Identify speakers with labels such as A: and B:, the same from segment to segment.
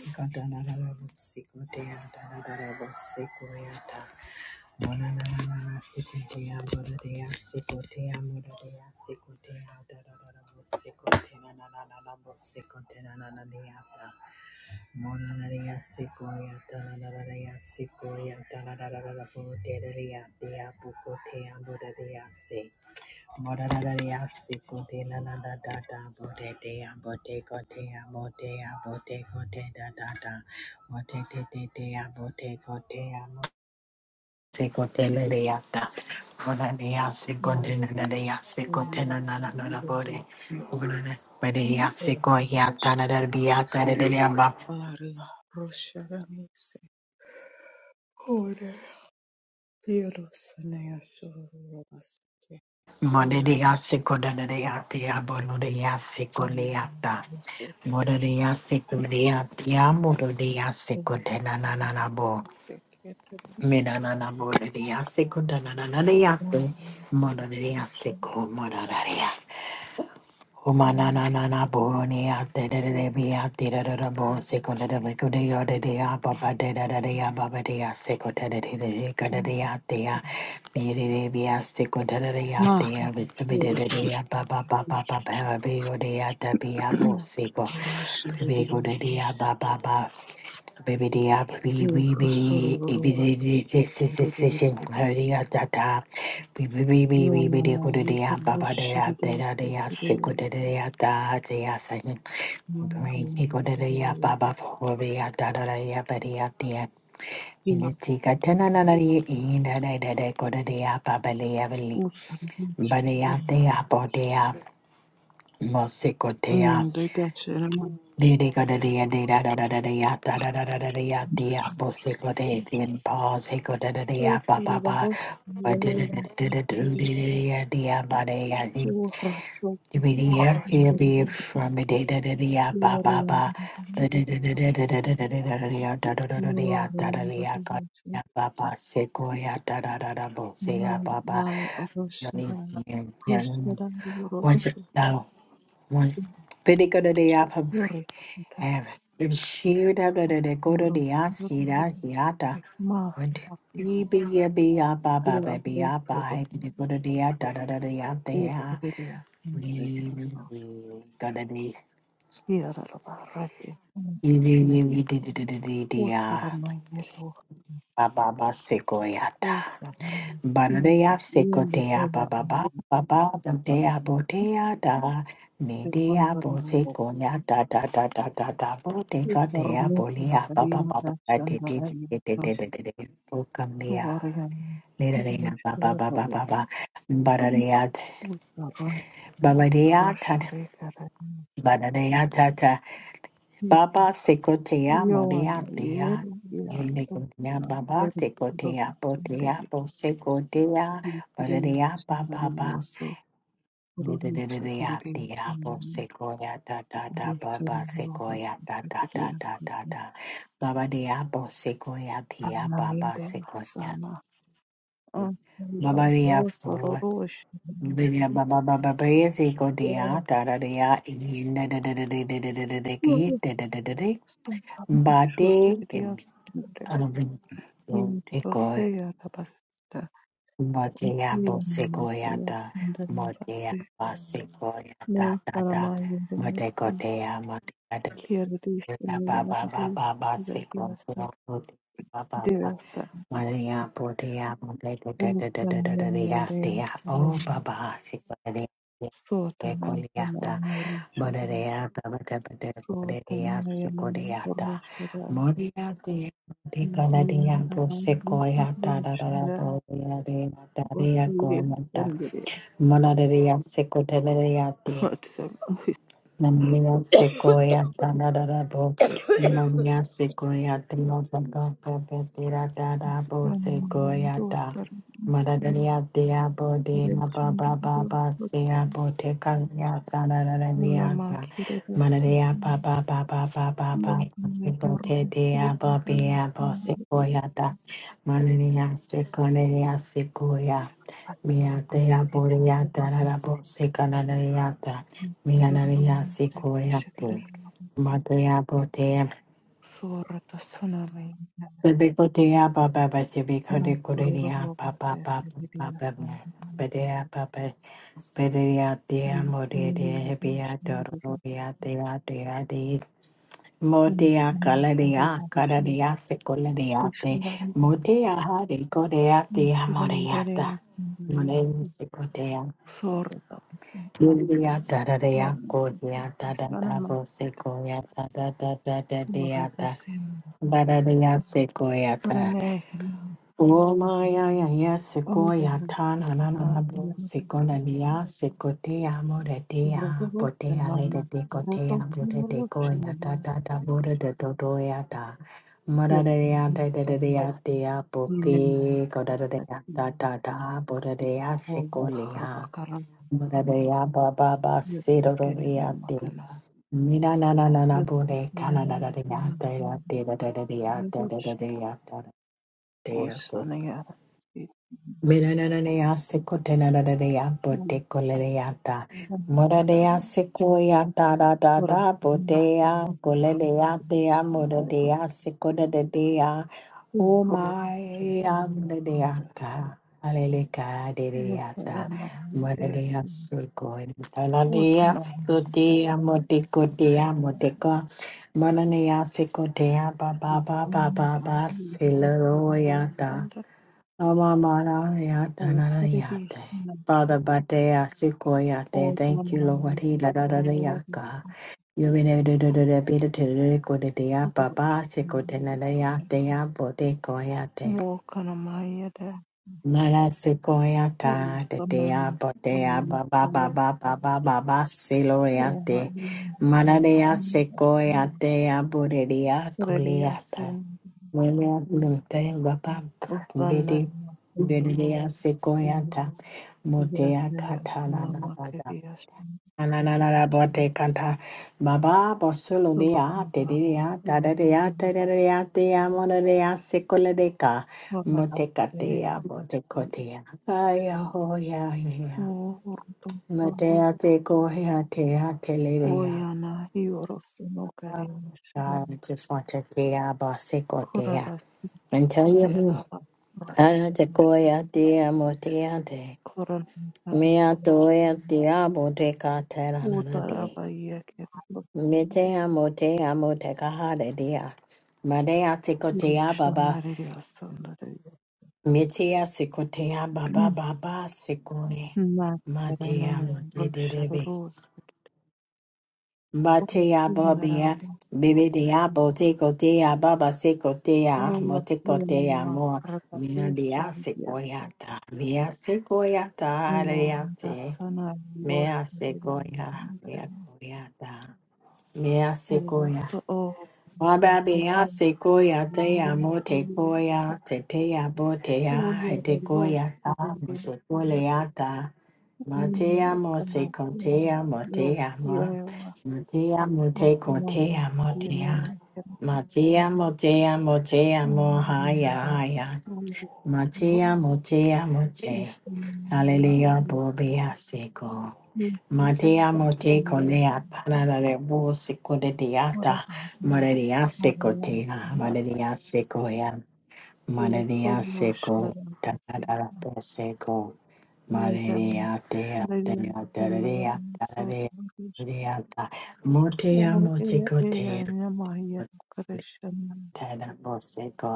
A: Sequoia, Bode. Bode
B: Maaf,
A: ya seko ya tana dar biya tare da ya Morelia secundaria tia boloria seculiata. Morelia seculia tia morelia secundananabo. Menanana morelia secundanananiate. Morelia secu moraria. Humananana boroni ate de de de be ate da da da bo seko da da beko de yo de de ya papa de da da de ya baba de ya seko da da de de de ka da de ya te ya de de de be ya seko da da de ya te ya be be de de de ya papa papa papa be yo de ya ta be ya bo seko be be go de de ya ba ba ba. Baby D, I be
B: Hmm.
A: we be be be this is decision clarity at that time. We be we be we be the good day and Baba day out da They are sick with the day da there. They are Bring the good day out Baba for the ya da da out there. They are very out na na tenanari in da day da they good day out Baba Lee Everly. But they are they are body out. Dede gada dea dea da da da da dea da da da da da dea dea bo se go de dien pa se go da da dea pa pa pa ba de de de de de de de de dea dea ba dea in to be dea here be from me de da da dea ba ba ba da da da da da da da da da da da dea da da da da dea da da dea ga dea ba ba se go ya da da da da bo se ya ba ba yoni yoni once now once. Bidi gada dea pa
B: Yore ita,
A: have it. Shira da da da go to
B: yoro
A: the ashira
B: ndorobuke
A: hiata.
B: mafu
A: What? Di
B: mafuta
A: be a be a ba ba
B: ya
A: ba be ya ba.
B: retoro
A: Hey, go to the da da da da ya da ya.
B: ilkerere asindere
A: We
B: diaso
A: we go to the.
B: kirara loba rete
A: We we we we di di di di di di ya.
B: utsara mayero
A: Ba ba ba se go ya
B: kuya
A: Banadeya
B: yeme
A: sekotea
B: dela
A: baba baba
B: amusta
A: baba dea botea da nedea
B: sirvando lungo
A: bosekoya da da da da da da boteka
B: utsara
A: dea
B: motu na
A: bolia baba
B: barima da
A: baba da de de
B: chandara
A: de de
B: yoro
A: de de de de bokamdea
B: tuvaria
A: nedea baba
B: mishkere
A: baba
B: loba
A: baba banadeya
B: utsara
A: babadea ta
B: roshre karani
A: banadeya ta ta baba sekotea modea
B: Yohana
A: dea
B: yari
A: Yine
B: yaratutsina
A: baba
B: yaritsiro
A: tekotea botea
B: senderi
A: bosekotea
B: yitiriya
A: banadeya
B: senderi
A: baba
B: yoso ururutsa
A: Didididia, diabo,
B: rurimo
A: sequoia, da da da,
B: urushuri
A: baba, sequoia, da da da
B: rw'ubutitiriya
A: da da da. Baba diabo, sequoia, dia, baba,
B: amayinde
A: sequoia.
B: asana
A: Baba dia
B: yoso
A: four.
B: rurushi
A: Baba baba baba baba sequo dia, da da dia, in da da da da da da da da da da da da da da da. Bate,
B: shutiririya senderi
A: and
B: yindose yarabasita
A: Motea
B: yirima
A: bosegoyata,
B: senderi
A: motea
B: basi
A: basegoyata,
B: mansara
A: tata,
B: mayinde
A: motecotea, motea, motea,
B: Kirishini
A: baba,
B: Madhu
A: baba, baseco,
B: Devasa
A: baba,
B: Devasandi
A: Maria, potea, motea,
B: Upanyanadaya
A: motea, oh,
B: Salaya
A: baba, Ekoliata,
B: Sotanayanarishan
A: Modereata, Matabata, Moderias,
B: Sotanayana
A: Codiata,
B: Urishara
A: Moriati, Decanadiato,
B: Sindhyanabhaya
A: Secoiata,
B: Urishara
A: Dadapo, Yadea, Daria,
B: Vasiri
A: Gormata,
B: Sandhya
A: Monaderia, Secoteliati, Namia sequoia tanadabo, Namia sequoia tanadabo, Pepera dadabo
B: Vatsavam
A: sequoia da.
B: Dosaram
A: Madadania diabo de Baba
B: Kirishindriya
A: Baba Sea Botecaria Tanadaviata.
B: Namakirasya
A: Manadia Baba Baba Baba Baba
B: Yogamaya
A: Bote diabo beabo
B: Urvasudha
A: sequoia da. Manania sequoia sequoia.
B: Sorry,
A: Mia dea borea tanadabo secanadiata. Minanaria sikoyate. Matea botea. Bebikotea baba bashibikode korea papa papa papa. Bedea papa. Bedea dea modea hebia dororia dea dea de. Motea calaria cararia sicolariate. Motea hare coreate amoreata. Monem India da da da ya go ya da da da bo se go ya da da da da da da ya da da da da ya se go ya da o ma ya ya ya se go ya ta na na na na bo se go na ni ya se go te ya mo re te ya bo te
B: Şuvrotorosen
A: ya le
B: mama,
A: de te go te ya bo te te go ya
B: rotoşuvrotşinela,
A: da da da bo re de do do ya da ma da da ya da da da da
B: yokurutsan,
A: ya te ya bo
B: minemin
A: ke go da da da
B: tarzı,
A: ya da da da bo re de ya se go
B: oğlum,
A: le ya
B: rabakaran,
A: Bodea baba
B: yötün
A: basiro
B: keyana
A: riate.
B: makala,
A: Mina na na na na
B: yötün
A: bode kana
B: keyana
A: na na de
B: makala,
A: ate la de la de de de ate de de de
B: yokuruşta,
A: ate de ah,
B: boşsana yara, yokuruşta,
A: Minananea secotenanadea,
B: yokuruşta,
A: botecoleata.
B: yokuruşta, yokuruşta,
A: Moradea sequoia da da da da, botea, golelea dea, moradea secodadea. O my amdedeata, aleleca dedeata.
B: yokuruşta,
A: Moradea sequoia,
B: Thank
A: taladea
B: you. can
A: secotea,
B: go
A: motecotea, moteca. Mananea secotea, ba ba ba ba ba ba,
B: to the big ass
A: celeroyata.
B: thunder. I will tell you this,
A: Amamarayatalarayate.
B: like,
A: Father Batea Sikoyate,
B: all the
A: thank you, Lord.
B: money
A: He la da
B: that I
A: da da
B: need over
A: yaka. You mean it did it be the Tirico de Dia
B: people who
A: Baba
B: should be doing it.
A: Sikotenayate Abote Koyate.
B: More kind of my idea.
A: Mala
B: Oh,
A: Sikoyata, the
B: the
A: Dia
B: money, the
A: Botea
B: money,
A: Baba
B: the
A: Baba
B: money.
A: Baba Baba
B: Oh, I know, I
A: Siloyate.
B: know, I
A: Manadea
B: know, I know.
A: Sikoyate Abodia
B: But I guess
A: Kuliata.
B: in
A: Mwenye mte baba
B: the thunder,
A: bidi
B: in the thunder,
A: bidi ya siku ya ta mote
B: yes,
A: ya
B: yes,
A: kata
B: in
A: na
B: the
A: na
B: market,
A: bada.
B: yes.
A: Ananana bote kata baba bosulu
B: So,
A: de
B: what
A: ya te
B: can I
A: de ya ta de de ya te
B: do?
A: de de ya te ya mono de ya siku le de ka
B: Wamata
A: mote kate ya
B: Tenehata
A: mote kote ya. Aya ho ya ya.
B: Urutu
A: te ko ya te ya
B: Oyana Yorosu no Karishna
A: I just want to te ya
B: Koradas
A: And tell you.
B: Eraba Raba
A: Ara te
B: Roshna
A: koia te amo te ate.
B: Koran
A: Mea
B: Hariya
A: toea te amo te ka terana di.
B: Utaraba Yake
A: Me te amo te amo te ka hare dia. Marea te ko te ababa.
B: Rushanariya Sundaraya
A: Me te a se ko te ababa baba se kone. Ma te
B: Nakarana
A: amo te te rebe.
B: Rosharos
A: Ma te abobia.
B: Sundarama
A: Bebe de abo te ko te ababa se ko te amo
B: Oyo
A: te ko te
B: Yanama
A: amo. Mina de
B: Rakatusha
A: a se koia ta. Mea se koia ta are ate.
B: Moradasana
A: Mea sequoia,
B: Rosarivasangare
A: mea coyata, mea sequoia.
B: Rosa O
A: Wababea sequoia, te amo te
B: Yamyasirivasa
A: coia, te te abo te a,
B: Uya
A: he te coia ta, mo te
B: Rosarivasangare
A: coleata. Ma te
B: Yamya
A: amo se con
B: Kamasya
A: te amo
B: Yo
A: te amo,
B: Yewa
A: ma te amo te con te
B: Usanama
A: amo te a.
B: Yanana Kamasya
A: Ma te amo te amo te
B: Yamya
A: amo,
B: Yamya
A: haya haya.
B: Yo
A: Matea, motea, mote.
B: Istanama Yamya
A: Hallelujah,
B: Yo
A: bobea seco. Matea,
B: Yamya
A: mote,
B: Yo
A: colea, parada de busico de diata.
B: Moradasana Yo
A: Maria seco tea,
B: Karya
A: Maria secoia,
B: Yes,
A: Maria
B: oh,
A: seco,
B: Sharon,
A: tanada poseco.
B: Yaran,
A: Maria tea,
B: Rayan,
A: tea, tea,
B: Sanaran,
A: tea,
B: Sotarish,
A: tea, Motea,
B: O E
A: mote, cotea,
B: Yana Mayan Krishna,
A: tada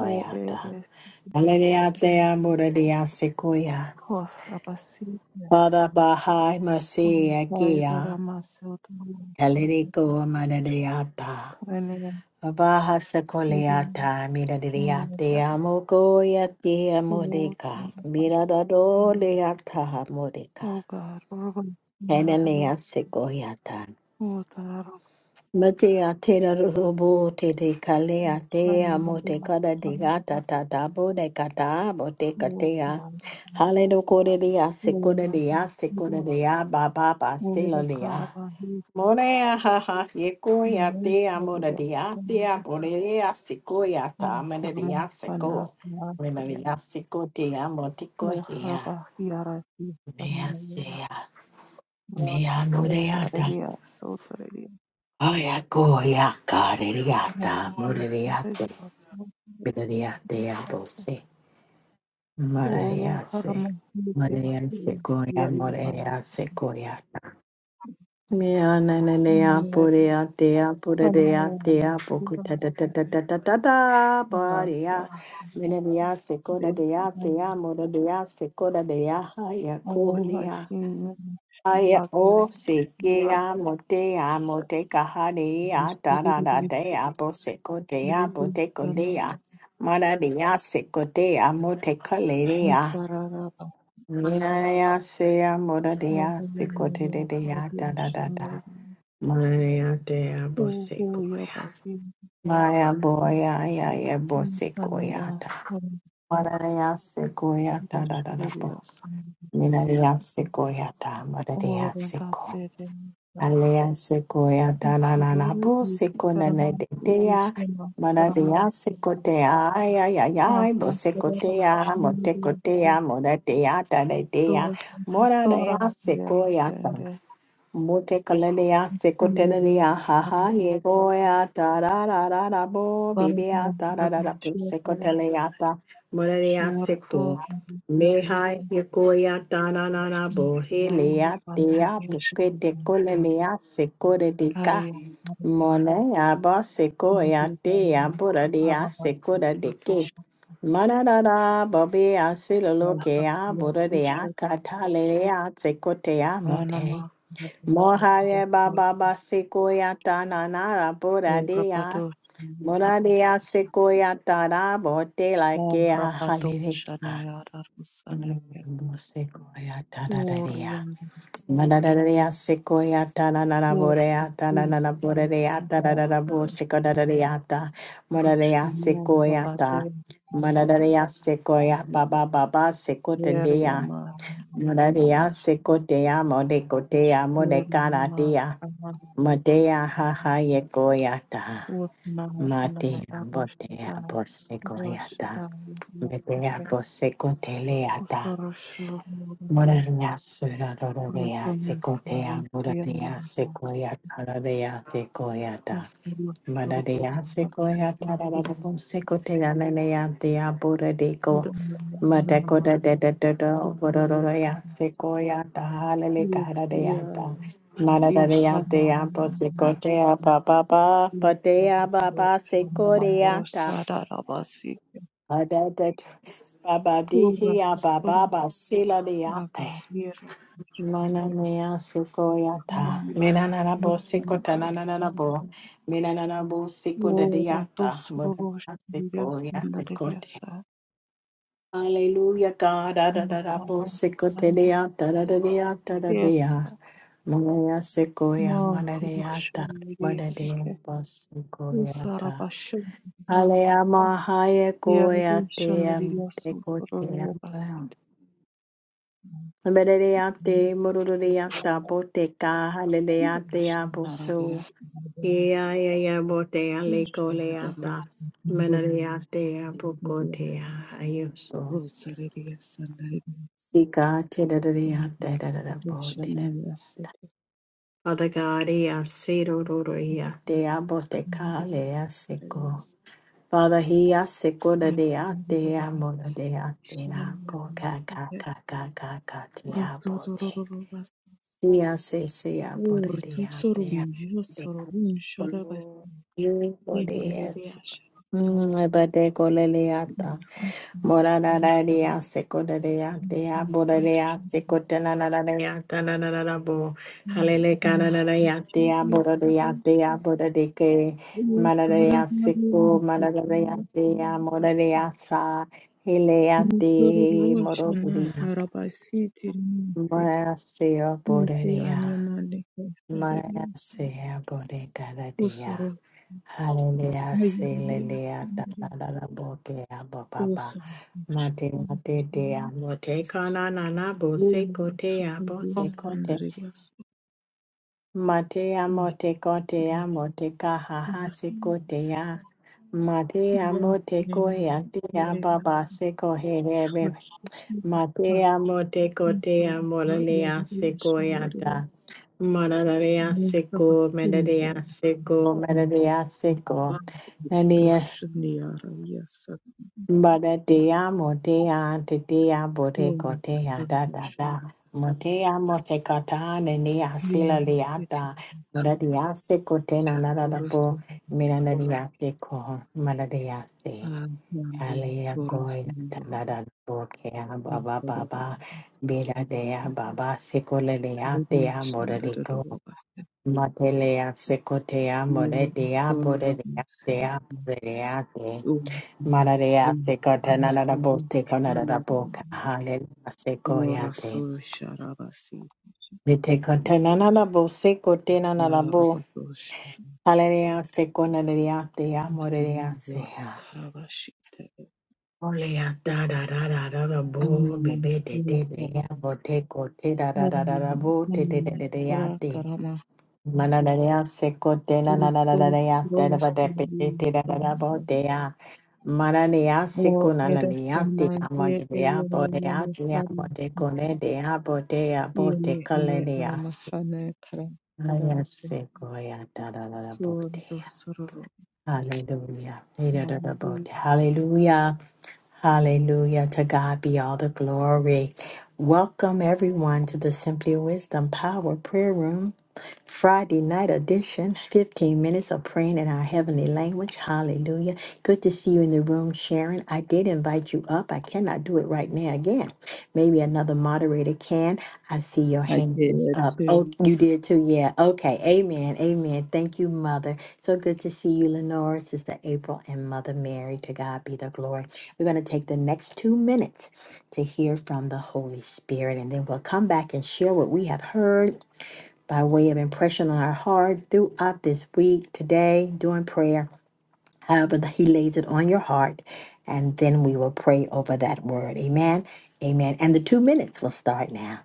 B: O Eres,
A: Hallelujah,
B: Yan,
A: Muradia Sequoia.
B: Hof Rabasitia,
A: Father Bahai
B: O
A: Masiakia. Hallelujah, Madadiata. Baha Sequoiata, Midadiate, Amokoyati,
B: Thank
A: Amodica. Miradado, Leata, Modica. Hanania Sequoiata. Mate a te robo te te kale a te a mo te kada te gata ta ta bo de kata bo te katea.
B: you.
A: Hale no kore de a se
B: Ore
A: kore de
B: bata
A: a se kore
B: hiriya
A: de a ba ba ba se
B: ore
A: lo de a.
B: karaba hiriya
A: More a ha ha ye ko ya
B: ore
A: te a mo de
B: hiriya
A: de a te a bo de de a se ko ya
B: mo
A: ta me de de
B: tarmo
A: a se
B: fana
A: ko. Me me
B: tiyatiya
A: de a se ko te a mo te
B: o
A: ko he a.
B: fraba hiyara ti
A: Me a
B: fanayo
A: se
B: mo
A: a. Me a
B: do
A: no de a ta.
B: shareliya sotoriya
A: Aya ko ya ka de de a
B: mo
A: ta mo
B: do
A: de de a
B: shareliya sotoriya
A: Gloria te amo,
B: se
A: sí.
B: o lo
A: María, sí.
B: harmo hirite
A: María,
B: hiri
A: sí, Coria,
B: yeri mayo
A: María, se Coria. Me ananea,
B: amaya
A: purea, tea, purea,
B: amaya na
A: tea, poco,
B: hiriya
A: ta, ta, ta, ta, ta, ta, ta, ta,
B: hara sa
A: paria. Menelia,
B: de
A: secoda, dea,
B: mayo
A: tea, moda, dea, secoda, dea,
B: Oh,
A: haya,
B: Hashim, Washington
A: Aya o
B: Margaret
A: se ke a mo te a mo te ka hare a
B: Augusta
A: ta ra ra te
B: Rodríguez
A: a bo se ko te a bo te ko le a ma ra re a se ko te a mo te ka le re a
B: Sararaba
A: mi na re a se a mo ra re a se ko te re
B: Wamamalia
A: re a
B: Flavia
A: ta ra ra ta
B: Shandari
A: ma re a te a bo se ko
B: Uguya
A: ya
B: Basi
A: ma ya bo ya ya ya bo se ko ya
B: Mifania
A: ta ma ra re a se ko ya ta
B: Wamamalia
A: ra ra ra
B: Shandari
A: bo mi
B: Sandari
A: na re a se ko ya ta ma ra re a
B: Ora
A: se ko
B: Datere
A: Alea sequoia danana
B: Isuru
A: bu seconene de
B: Isharamati
A: dea
B: Ishama
A: manadea
B: Saramati
A: secotea ay ay ay ay bo
B: Ahra Saraba
A: secotea
B: Shandari
A: motecotea moratea tadea
B: Dora Dora
A: moradea sequoia
B: Leandere
A: Mutekalelea
B: Hallelujah.
A: sekotelelea haha yegoya tarararara bo
B: Bwana
A: bibia tararara bo
B: anawashukuru
A: sekotelea ta morelea seko
B: shorto
A: meha yegoya tararara bo helea tea bukete
B: vasikishiriki
A: kolelea
B: kare
A: sekoredika monea ba sekoya tea
B: kurudivana
A: boradea sekoredike
B: avavasitekeshana
A: Manarara babea silolokea boradea
B: yatushuru
A: katalelea sekotea mote
B: vanama
A: Mohare Baba Basikoya Tananara
B: rapato
A: Buradea Muradea Sikoya Tara Bote Lakea
B: rapato
A: Halilika
B: shaniyara rusaneke
A: Sikoya Tadadea
B: oriyanda vas
A: Madadadea Sikoya Tananara Borea
B: ortu
A: Tananara Borea Tadadada Bosikodadeata Muradea
B: Ruškinieji
A: Sikoya Ta
B: Babatėja Sandarija
A: Madadadea Sikoya Baba Baba
B: Kerja
A: Sikotendea Muradea
B: Maharaškirima
A: Sikotea Modekotea Modekaratea
B: Amaharija
A: Madea haha yegoyata.
B: Utinai Inai
A: Madea botea
B: Aruškadai
A: bosegoyata.
B: Rušadai
A: Medea
B: Ruškadai
A: bosecoteata.
B: Uskarušurukė
A: Morena suradorea
B: Rutumų
A: secotea
B: Ruškienė
A: muradea sequoia tararea sequoiata.
B: Uskarušurukė
A: Madadeya sequoia, Tadabo
B: Babatėja
A: sequoia, Nenea, dea Buddha deco,
B: Dumanė
A: Madacoda
B: Namai
A: de de de de,
B: Ukajukai
A: Vodoroya, sequoia, Tahalele
B: Ruškienė
A: Caradeata, Madadea dea
B: Ivanai
A: Bosicotea, Baba, Padea, Baba,
B: Maro
A: sequoia,
B: sararabasi
A: Adada, Baba,
B: ura
A: Dihia,
B: un
A: Baba, Sila deate.
B: agarira
A: Mana mea suko yata. Mina na na bo siko ta na na na na
B: sanda
A: bo. Mina na na bo siko da
B: ura dos
A: diata. Mana
B: rosh
A: na
B: dias
A: siko yata. siko Hallelujah, God. Da da da da bo siko te de yata. da da de yata. da dia. Mana ya siko ya mana diata. Mana dia bo siko ya Hale ama haye ko ya te am te ko te am. Amereyate, Murureyata, Boteka, Haleleatea, Boso, Eaya, Botea,
B: Shandararias,
A: Lecoleata,
B: Bombas,
A: Menareatea,
B: Bombas,
A: Bocotea, Ayuso,
B: Rosarias, Sandarias,
A: Sika, Tedadariata, Dadabodida.
B: Shanayas,
A: Father God, Easidoria, Dea Boteca, Lea Seco. Father, he a seco de deate, amor deate, coca, caca,
B: Sandarias,
A: caca, caca, tea, bote.
B: Rotorobas,
A: Tia se sea por el
B: Urtu
A: día de
B: Sorun, Josorun, Shadabas, Yekerias,
A: Bade Coleata, Moradaria, Secodarea, Dea Bodarea,
B: Russian
A: Secotananaria, Tananabo, Halele Canadaria, Dea Bodarea, Dea Bodadique, Manadea Seco, Manadea, Dea
B: Rusororoshana
A: Moradaria, Sa, Hilea de Morodia,
B: harabasiti rinse
A: Marasea
B: nisi
A: Bodarea.
B: anyamande
A: Maya
B: kaisareliasa
A: sea bore cada
B: usoro
A: día. Hallelujah, hallelujah, da
B: hayareliasandere
A: da da da bo dea bo ba
B: usoro
A: Mate mate dea mote kana na na bo se kote ya bo se kote.
B: urusukaliasandareliasa
A: Mate ya mote kote ya mote kaha ha se kote ya. Mate ya mote
B: Thank
A: ko ya dea ba ba se ko he Matea mote kotea moralea
B: you.
A: sequoiata. Moralea seco, medalea
B: Muzafakinda
A: seco, medalea seco.
B: Babu
A: Nadia
B: Rushniara Yasa
A: badatea motea tetea bote
B: Sora
A: kotea da da
B: Rusha
A: da. Motea mote kata nenia
B: yara. Mumba pakinde varushinira
A: sila
B: yasakura pamusha
A: leata.
B: yarusetirisha
A: Moralea seco tena nada da po.
B: orosombatsi
A: Miranadia seco, maladea se.
B: avange
A: Hallelujah, glory, da
B: vorosomuro
A: da da, okay, ah, ba ba ba ba, bela dea, ba ba, sekole dea, dea, mora de go,
B: rinashindarirobasa
A: matelea, sekotea, mora dea, bora dea, dea,
B: yorosomutsenzi
A: bora dea, de, mara dea,
B: uya
A: sekota, na na da bo, teko, na da da bo, ka, hallelujah, sekoya, de,
B: orasosharavasi
A: vitekota, na na da bo, sekote, na na da bo,
B: varabasosha
A: hallelujah, sekona dea, dea,
B: Mr.
A: mora dea,
B: Karabashite
A: Only da da da da da da bo be
B: Anna
A: be de de de
B: Yokara
A: ya bo te ko te da da da da da
B: Harana
A: bo te de de
B: Anna
A: de de ya
B: Ora
A: te
B: Karama
A: mana da da ya se ko te na na na na na
B: Urusu
A: na ya te da
B: Rosu
A: ba de pe te te da da da bo te ya mana ne ya se
B: O
A: ko na na ne ya te
B: Eresana
A: na ma
B: Ye
A: de de ya bo de ya
B: Eyana
A: te ya bo
B: Hara
A: de ko ne
B: Site
A: de ya bo de ya bo te
B: Yene
A: ka le
B: Ene
A: ne ya se
B: Anamahana Kara
A: na
B: Kara
A: ya
B: Se
A: se ko ya da da da da bo te
B: Sordo
A: ya
B: Sororo
A: Hallelujah. Da da da bo
B: Hallelujah.
A: te. Hallelujah. Hallelujah. To God be all the glory. Welcome everyone to the Simply Wisdom Power Prayer Room. Friday night edition, 15 minutes of praying in our heavenly language. Hallelujah. Good to see you in the room, Sharon. I did invite you up. I cannot do it right now again. Maybe another moderator can. I see your
B: I
A: hand is
B: did
A: up. Oh,
B: too.
A: you did too. Yeah. Okay. Amen. Amen. Thank you, Mother. So good to see you, Lenora, Sister April, and Mother Mary. To God be the glory. We're going to take the next two minutes to hear from the Holy Spirit, and then we'll come back and share what we have heard by way of impression on our heart throughout this week, today, during prayer, however that He lays it on your heart. And then we will pray over that word. Amen. Amen. And the two minutes will start now.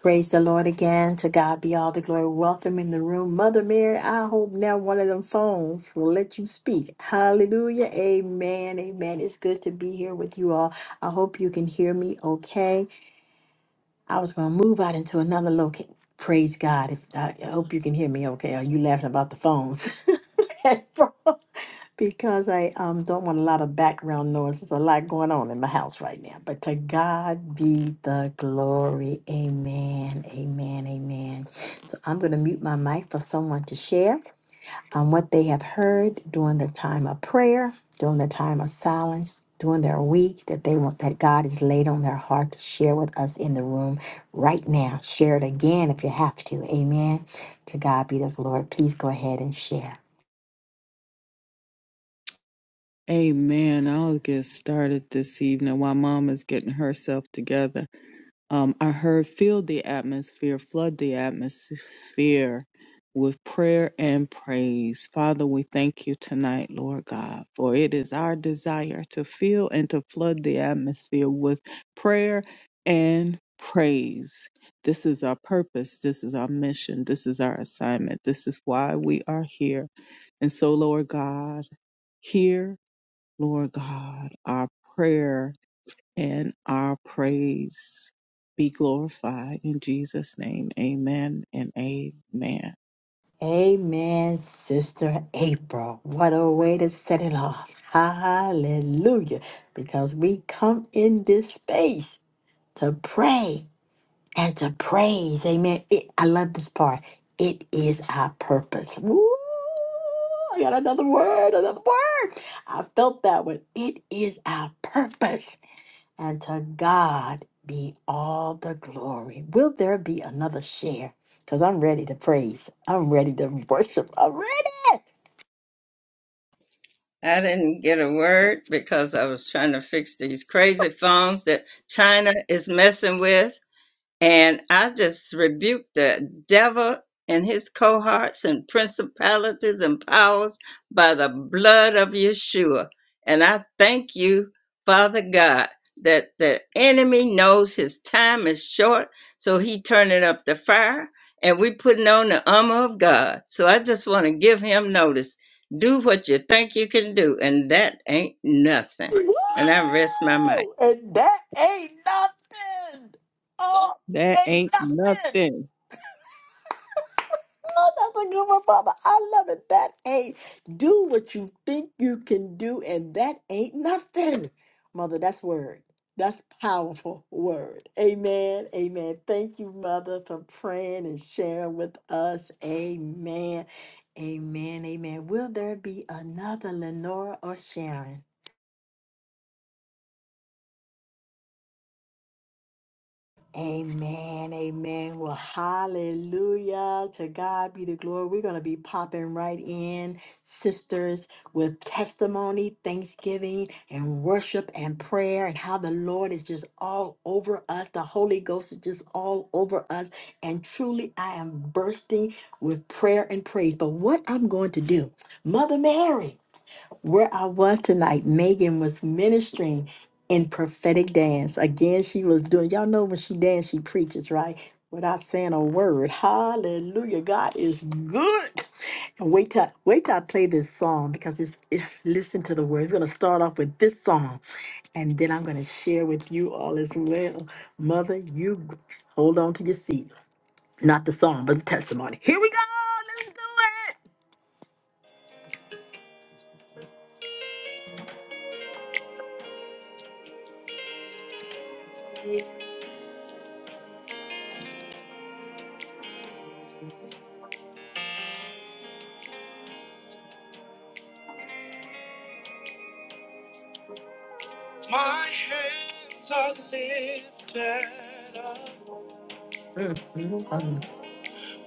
A: Praise the Lord again. To God be all the glory. Welcome in the room. Mother Mary, I hope now one of them phones will let you speak. Hallelujah. Amen. Amen. It's good to be here with you all. I hope you can hear me okay. I was going to move out into another location. Praise God. If I, I hope you can hear me okay. Are you laughing about the phones? Because I um, don't want a lot of background noise. There's a lot going on in my house right now. But to God be the glory. Amen. Amen. Amen. So I'm going to mute my mic for someone to share on what they have heard during the time of prayer, during the time of silence, during their week that they want that God has laid on their heart to share with us in the room right now. Share it again if you have to. Amen. To God be the glory. Please go ahead and share.
B: Amen. I'll get started this evening while Mama's getting herself together. Um, I heard fill the atmosphere, flood the atmosphere with prayer and praise. Father, we thank you tonight, Lord God, for it is our desire to fill and to flood the atmosphere with prayer and praise. This is our purpose. This is our mission. This is our assignment. This is why we are here. And so, Lord God, hear, Lord God, our prayer and our praise be glorified in Jesus' name. Amen and amen.
A: Amen, Sister April. What a way to set it off. Hallelujah. Because we come in this space to pray and to praise. Amen. It, I love this part. It is our purpose. Woo! I got another word, another word. I felt that one. It is our purpose. And to God be all the glory. Will there be another share? Because I'm ready to praise. I'm ready to worship. I'm ready.
C: I didn't get a word because I was trying to fix these crazy phones that China is messing with. And I just rebuke the devil and his cohorts and principalities and powers by the blood of Yeshua. And I thank you, Father God, that the enemy knows his time is short, so he turning up the fire, and we putting on the armor of God. So I just want to give him notice. Do what you think you can do, and that ain't nothing. And I rest my mind.
A: Woo! And that ain't nothing. Oh,
B: That
A: ain't
B: ain't
A: nothing.
B: nothing.
A: Oh, that's a good one, Mama. I love it. That ain't do what you think you can do, and that ain't nothing. Mother, that's word. That's powerful word. Amen. Amen. Thank you, Mother, for praying and sharing with us. Amen. Amen. Amen. Will there be another Lenora or Sharon? Amen, amen. Well, hallelujah. To God be the glory. We're going to be popping right in, sisters, with testimony, thanksgiving, and worship and prayer, and how the Lord is just all over us. The Holy Ghost is just all over us. And truly, I am bursting with prayer and praise. But what I'm going to do, Mother Mary where I was tonight, Megan was ministering in prophetic dance. Again, she was doing, y'all know when she dances, she preaches, right? Without saying a word. Hallelujah. God is good. And wait till wait till I play this song because it's, it's listen to the words. We're gonna start off with this song and then I'm gonna share with you all as well. Mother, you hold on to your seat. Not the song, but the testimony. Here we go. Let's do it. My hands are lifted up. Um.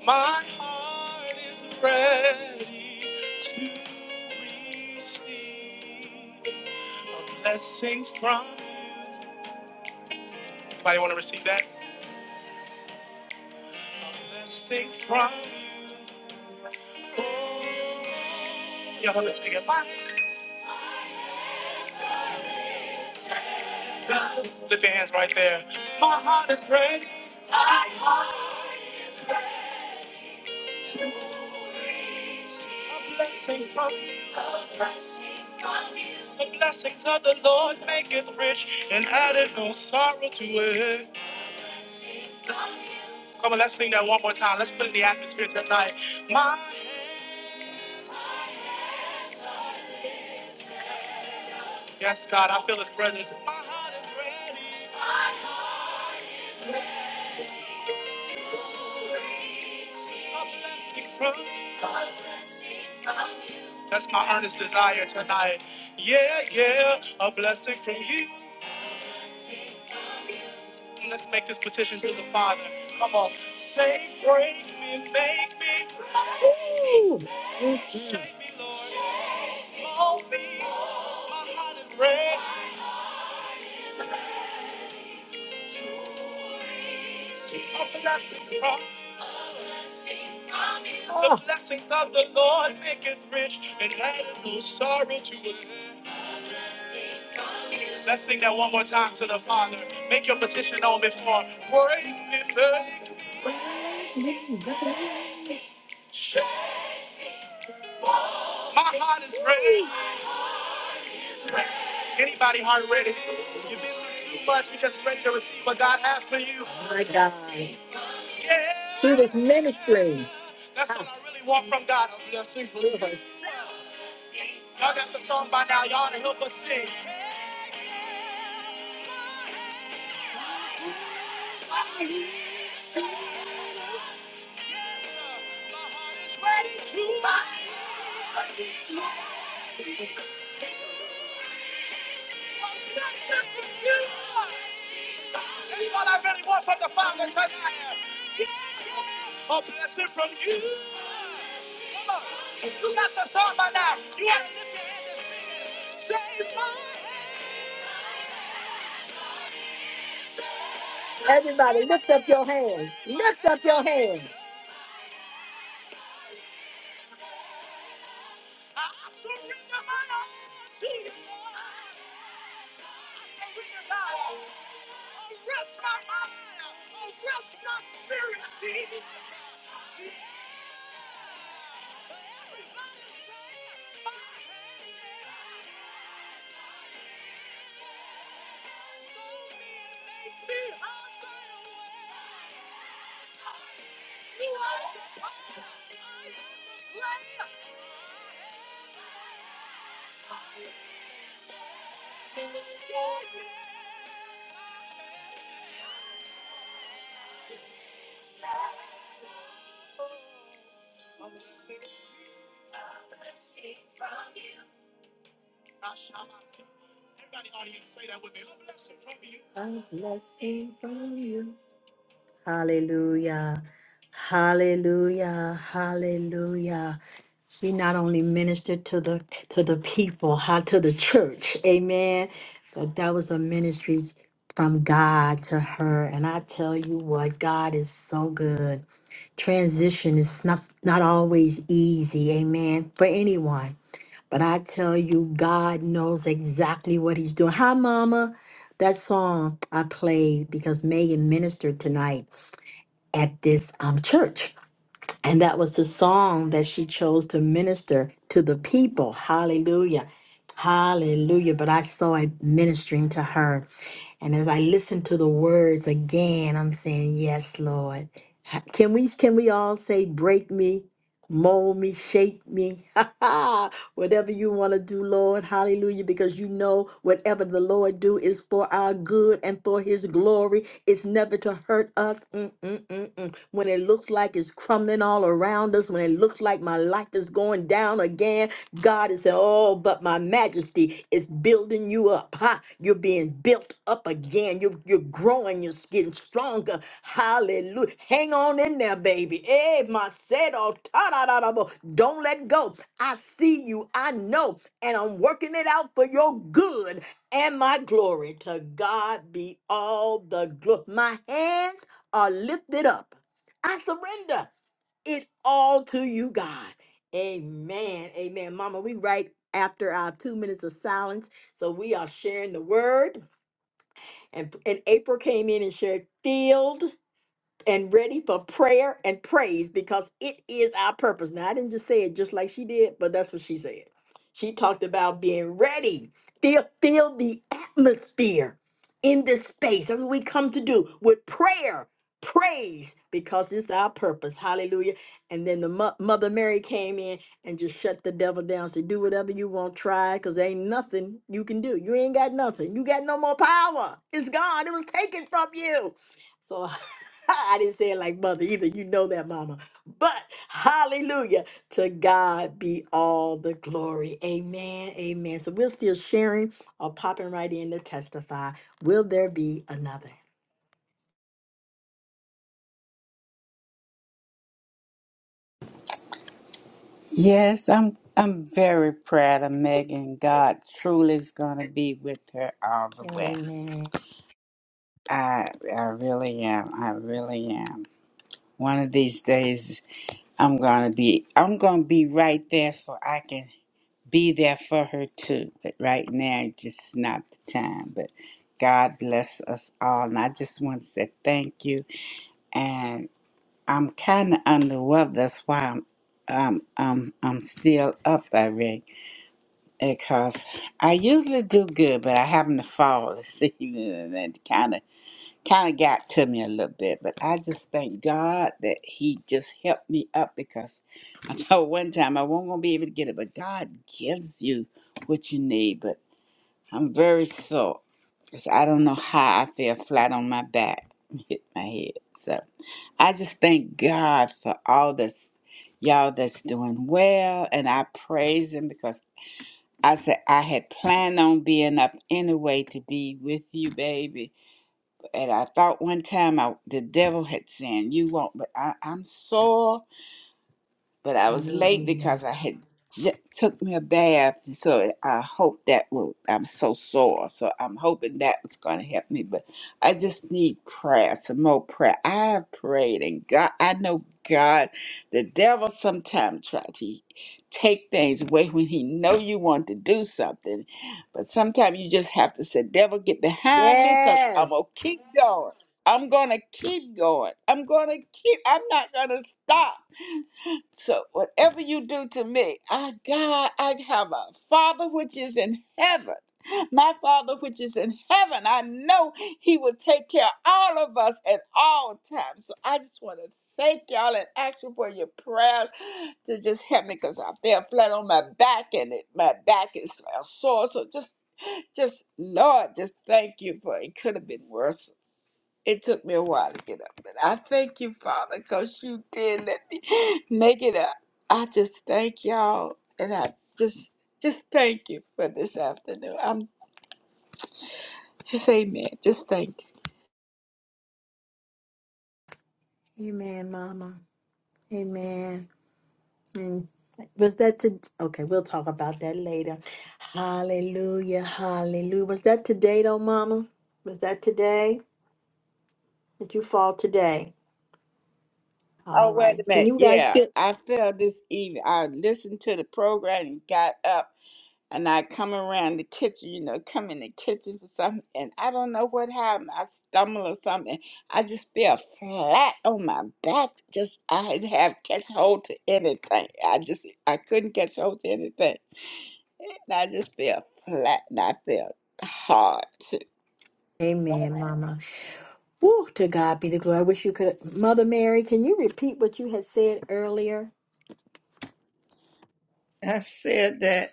A: My heart is ready to receive a blessing from you. Anybody want to receive that? A blessing from you. Oh, y'all help me sing it. My hands are- Lift your hands right there. My heart is ready to receive a blessing from you. The blessings of the Lord maketh rich and added no sorrow to it. Come on, let's sing that one more time. Let's put it in the atmosphere tonight. My hand, yes, God, I feel His presence. My heart is ready. A blessing from you. That's my earnest desire tonight. Yeah, yeah, a blessing from you. And Let's make this petition to the Father. Come on, say, break me, make me, Ooh. shape me, Lord, mold me. My heart is ready. A blessing from The blessings of the Lord maketh rich and addeth no sorrow to it. Let's sing that one more time to the Father. Make your petition known before. Break me, break. My heart is ready. Anybody heart ready? You've been through too much. You're just ready to receive what God has for you. Yeah. That's what I really want from God. Oh, yeah, sing for real. Y'all got the song by now. Y'all to help us sing. Yes, sir. My heart is ready to buy. Any what I really want from the Father tonight. Oh, bless from you. You got the song by now. You are the Everybody, lift up your hands. Lift up your hands. I surrender my all to you. Surrender my all. Arrest my mind. I shall not Everybody audience, say that with me. Oh, bless from you. Hallelujah. Hallelujah. Hallelujah. She not only ministered to the to the people, how to the church. Amen. But that was a ministry from God to her. And I tell you what, God is so good. Transition is not not always easy, amen, for anyone. But I tell you, God knows exactly what he's doing. Hi, mama. That song I played because Megan ministered tonight at this um, church. And that was the song that she chose to minister to the people. Hallelujah. Hallelujah. But I saw it ministering to her. And as I listened to the words again, I'm saying, Yes, Lord. Ha- Can we can we all say break me? mold me, shape me, whatever you want to do, Lord. Hallelujah. Because you know whatever the Lord do is for our good and for his glory. It's never to hurt us. Mm, mm, mm, mm. When it looks like it's crumbling all around us, when it looks like my life is going down again, God is saying, Oh, but my majesty is building you up up. Huh? You're being built up again. You're, you're growing. You're getting stronger. Hallelujah. Hang on in there, baby. Hey, my said, oh, ta-da-da-da-bo. don't let go. I see you. I know. And I'm working it out for your good and my glory. To God be all the glory. My hands are lifted up. I surrender it all to you, God. Amen. Amen. Mama, we right after our two minutes of silence. So we are sharing the word. And, and April came in and shared field and ready for prayer and praise because it is our purpose. Now, I didn't just say it just like she did, but that's what she said. She talked about being ready, feel, feel the atmosphere in this space. That's what we come to do with prayer, praise, because it's our purpose. Hallelujah. And then the mo- Mother Mary came in and just shut the devil down. Said, Do whatever you want, try, because there ain't nothing you can do. You ain't got nothing. You got no more power. It's gone. It was taken from you. So I didn't say it like mother either. You know that, mama. But hallelujah. To God be all the glory. Amen. Amen. So we're still sharing or popping right in to testify. Will there be another?
D: Yes, I'm I'm very proud of Megan. God truly is gonna be with her all the way.
A: Amen.
D: I I really am. I really am. One of these days I'm gonna be I'm gonna be right there so I can be there for her too. But right now it's just not the time. But God bless us all and I just want to say thank you and I'm kinda under the weather, that's why I'm um um I'm still up already Because I usually do good, but I happened to fall this evening, and that kind of kind of got to me a little bit. But I just thank God that He just helped me up because I know one time I wasn't gonna be able to get it, but God gives you what you need. But I'm very sore because I don't know how I fell flat on my back, and hit my head. So I just thank God for all this, y'all that's doing well, and I praise Him because. I said I had planned on being up anyway to be with you, baby. And I thought one time I, the devil had said, "You won't," but I, I'm sore but I was late
A: Hallelujah.
D: because I had ju- took me a bath. So I hope that will. I'm so sore, so I'm hoping that was going to help me. But I just need prayer, some more prayer. I have prayed, and God, I know God, the devil sometimes try to take things away when he know you want to do something, but sometimes you just have to say, "Devil, get behind me," because I'm
A: Yes.
D: gonna keep going. I'm gonna keep going. I'm gonna keep. I'm not gonna stop. So whatever you do to me, I God, I have a Father which is in heaven. My Father which is in heaven, I know He will take care of all of us at all times. So I just want to thank y'all and ask you for your prayers to just help me because I fell flat on my back and it, my back is uh, sore. So just, just Lord, just thank you for it. Could have been worse. It took me a while to get up, but I thank you, Father, because you did let me make it up. I just thank y'all, and I just just thank you for this afternoon. I'm just amen. Just thank you.
A: Amen, mama. Amen. Mm. Was that to okay? We'll talk about that later. Hallelujah. Hallelujah. Was that today though, mama? Was that today? Did you fall today? All
D: Oh wait a
A: right. Can
D: minute,
A: you guys
D: yeah,
A: still?
D: I fell this evening. I listened to the program and got up. and I come around the kitchen, you know, come in the kitchen for something, and I don't know what happened. I stumble or something. I just fell flat on my back. Just I didn't have catch hold to anything. I just I couldn't catch hold to anything, and I just fell flat, and I fell hard too.
A: Amen, Mama. Woo, to God be the glory. I wish you could. Mother Mary, can you repeat what you had said earlier?
C: I said that.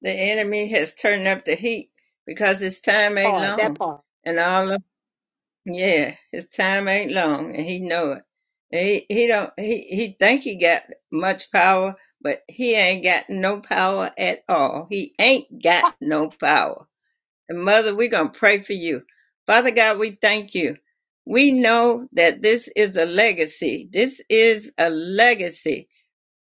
C: The enemy has turned up the heat because his time ain't
A: Part, that
C: long.
A: part.
C: And all of yeah, his time ain't long and he know it. And he he don't he he think he got much power, but he ain't got no power at all. He ain't got no power. And mother, we gonna pray for you. Father God, we thank you. We know that this is a legacy. This is a legacy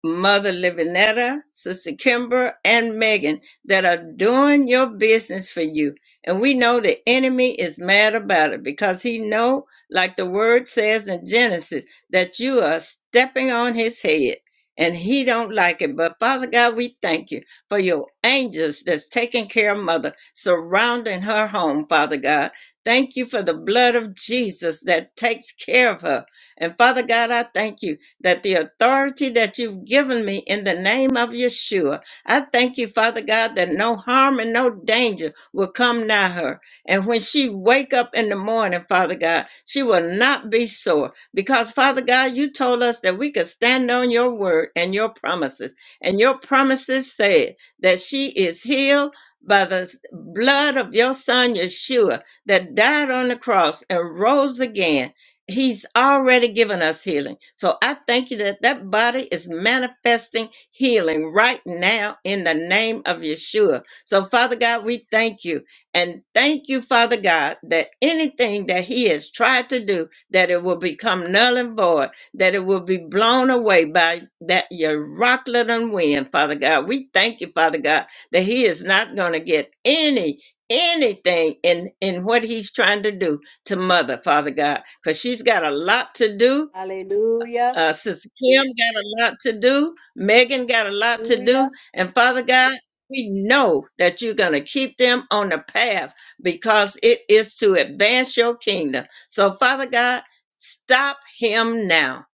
C: Mother Levinetta, Sister Kimber, and Megan that are doing your business for you. And we know the enemy is mad about it because he know, like the word says in Genesis, that you are stepping on his head and he don't like it. But Father God, we thank you for your angels that's taking care of mother, surrounding her home, Father God. Thank you for the blood of Jesus that takes care of her. And Father God, I thank you that the authority that you've given me in the name of Yeshua, I thank you, Father God, that no harm and no danger will come nigh her. And when she wake up in the morning, Father God, she will not be sore because, Father God, you told us that we could stand on your word and your promises. And your promises said that she is healed by the s- blood of your son Yeshua that died on the cross and rose again He's already given us healing. So I thank you that that body is manifesting healing right now in the name of Yeshua. So, Father God, we thank you. And thank you, Father God, that anything that he has tried to do, that it will become null and void, that it will be blown away by that your rocklet and wind, Father God. We thank you, Father God, that he is not going to get any anything in in what he's trying to do to mother, Father God, because she's got a lot to do.
A: Hallelujah.
C: Uh, Sister Kim got a lot to do. Megan got a lot to do.
A: Hallelujah.
C: And Father God, we know that you're going to keep them on the path because it is to advance your kingdom. So, Father God, stop him now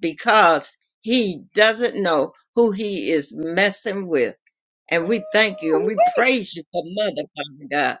C: because he doesn't know who he is messing with. And we thank you and we
A: Woo-wee.
C: praise you for Mother, Father God.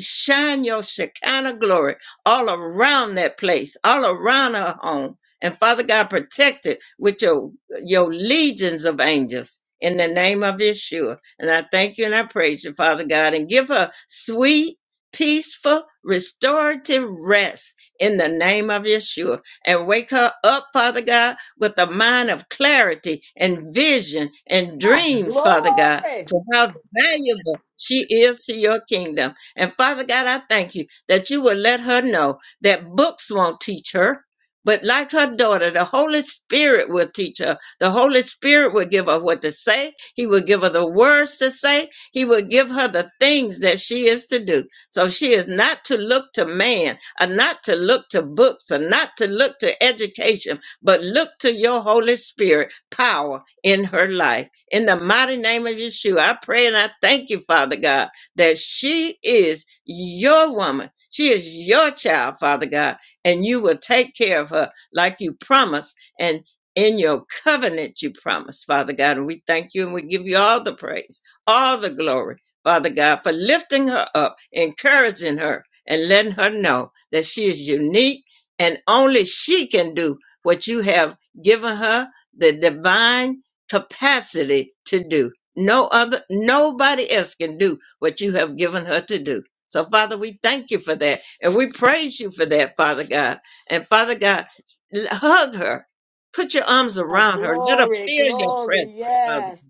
C: Shine your Shekinah glory all around that place, all around her home. And Father God, protect it with your, your legions of angels in the name of Yeshua. And I thank you and I praise you, Father God, and give her sweet, peaceful, restorative rest in the name of Yeshua. And wake her up, Father God, with a mind of clarity and vision and
A: Ah,
C: dreams, Father God
A: glory.
C: to how valuable she is to your kingdom. And Father God, I thank you that you will let her know that books won't teach her. But like her daughter, the Holy Spirit will teach her. The Holy Spirit will give her what to say. He will give her the words to say. He will give her the things that she is to do. So she is not to look to man, or not to look to books, or not to look to education, but look to your Holy Spirit power in her life. In the mighty name of Yeshua, I pray and I thank you, Father God, that she is your woman. She is your child, Father God, and you will take care of her like you promised and in your covenant you promised, Father God. And we thank you and we give you all the praise, all the glory, Father God, for lifting her up, encouraging her, and letting her know that she is unique and only she can do what you have given her, the divine capacity to do. No other, nobody else can do what you have given her to do. So, Father, we thank you for that. And we praise you for that, Father God. And Father God, l- hug her. Put your arms
A: Ah,
C: around her. Let her
A: glory,
C: feel your
A: glory.
C: presence, Father,
A: Yes.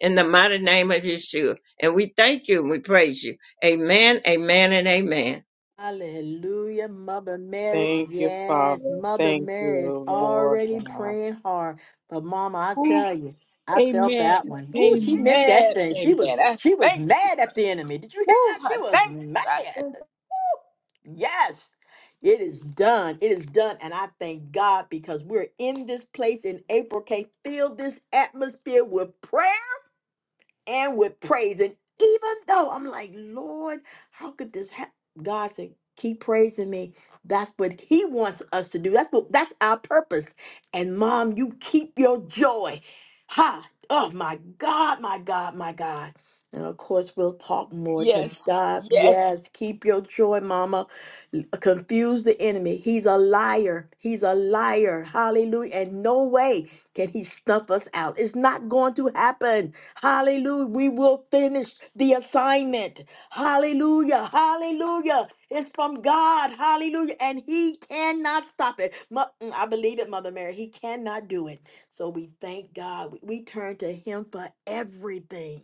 C: in the mighty name of Yeshua. And we thank you and we praise you. Amen, amen, and amen.
A: Hallelujah, Mother Mary.
B: Thank you,
A: Yes,
B: Father.
A: Mother
B: Thank
A: Mary is
B: you, Lord
A: already
B: God.
A: praying hard. But Mama, I
D: Ooh,
A: tell you, I felt
D: amen,
A: that one. Woo, she meant that
D: amen,
A: thing. She was
D: amen. I
A: she was
D: thank you.
A: mad at the enemy. Did you hear
D: Woo,
A: that? She
D: I
A: was
D: thank you. I
A: mad.
D: thank. you.
A: Yes. It is done. It is done. And I thank God because we're in this place in April. Can feel this atmosphere with prayer and with praise. And even though I'm like, Lord, how could this happen? God said, keep praising me. That's what he wants us to do. That's what that's our purpose. And mom, you keep your joy. Ha! Oh my God, my God, my God. And of course, we'll talk more to
D: Yes,
A: God.
D: yes.
A: Yes, keep your joy, mama. Confuse the enemy. He's a liar. He's a liar. Hallelujah. And no way. Can he snuff us out? It's not going to happen. Hallelujah. We will finish the assignment. Hallelujah. Hallelujah. It's from God. Hallelujah. And he cannot stop it. Mo- mm, I believe it, Mother Mary. He cannot do it. So we thank God. We we turn to him for everything.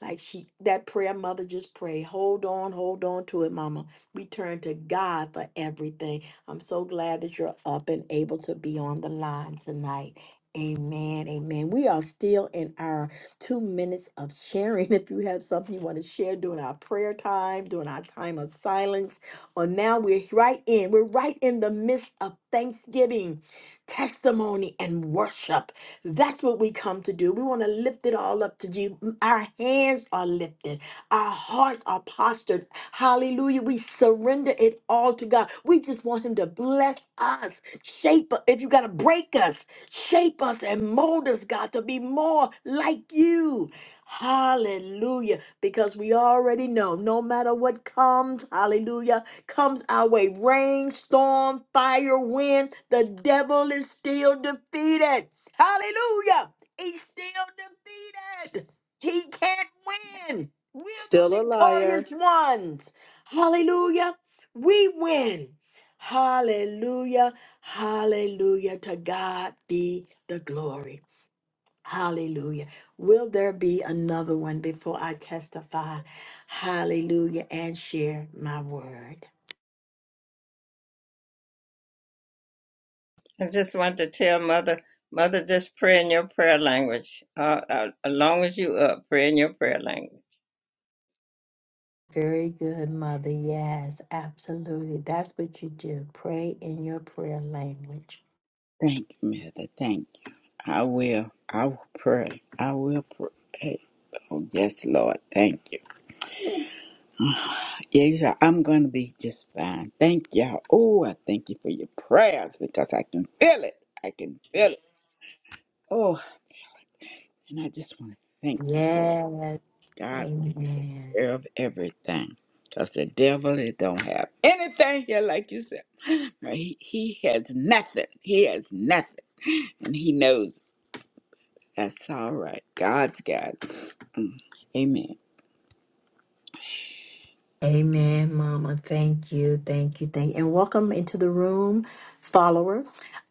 A: Like she that prayer mother just prayed. Hold on, hold on to it, mama. We turn to God for everything. I'm so glad that you're up and able to be on the line tonight. Amen. Amen. We are still in our two minutes of sharing. If you have something you want to share during our prayer time, during our time of silence, or now we're right in, we're right in the midst of thanksgiving, testimony, and worship. That's what we come to do. We want to lift it all up to you. Our hands are lifted, our hearts are postured. Hallelujah. We surrender it all to God. We just want Him to bless us, shape us. If you got to break us, shape us and mold us, God, to be more like you. Hallelujah because we already know no matter what comes, hallelujah, comes our way rain, storm, fire, wind, the devil is still defeated. Hallelujah. He's still defeated. He can't win. We're the
B: Still a liar.
A: victorious ones. Hallelujah. We win. Hallelujah. Hallelujah. To God be the glory. Hallelujah. Will there be another one before I testify? Hallelujah. And share my word.
C: I just want to tell Mother, Mother, just pray in your prayer language. Uh, uh, as long as you up, pray in your prayer language.
A: Very good, Mother. Yes, absolutely. That's what you do. Pray in your prayer language.
D: Thank you, Mother. Thank you. I will. I will pray. I will pray. Oh, yes, Lord. Thank you. Yes, I- I'm going to be just fine. Thank y'all. Oh, I thank you for your prayers because I can feel it. I can feel it. Oh, and I just want to thank you for it.
A: Yes.
D: God will take
A: Amen.
D: care of everything because the devil it don't have anything here, like you said. Right? He, he has nothing. He has nothing. And he knows That's all right. God's God. Mm. Amen.
A: Amen, Mama. Thank you, thank you, thank you, and welcome into the room, follower.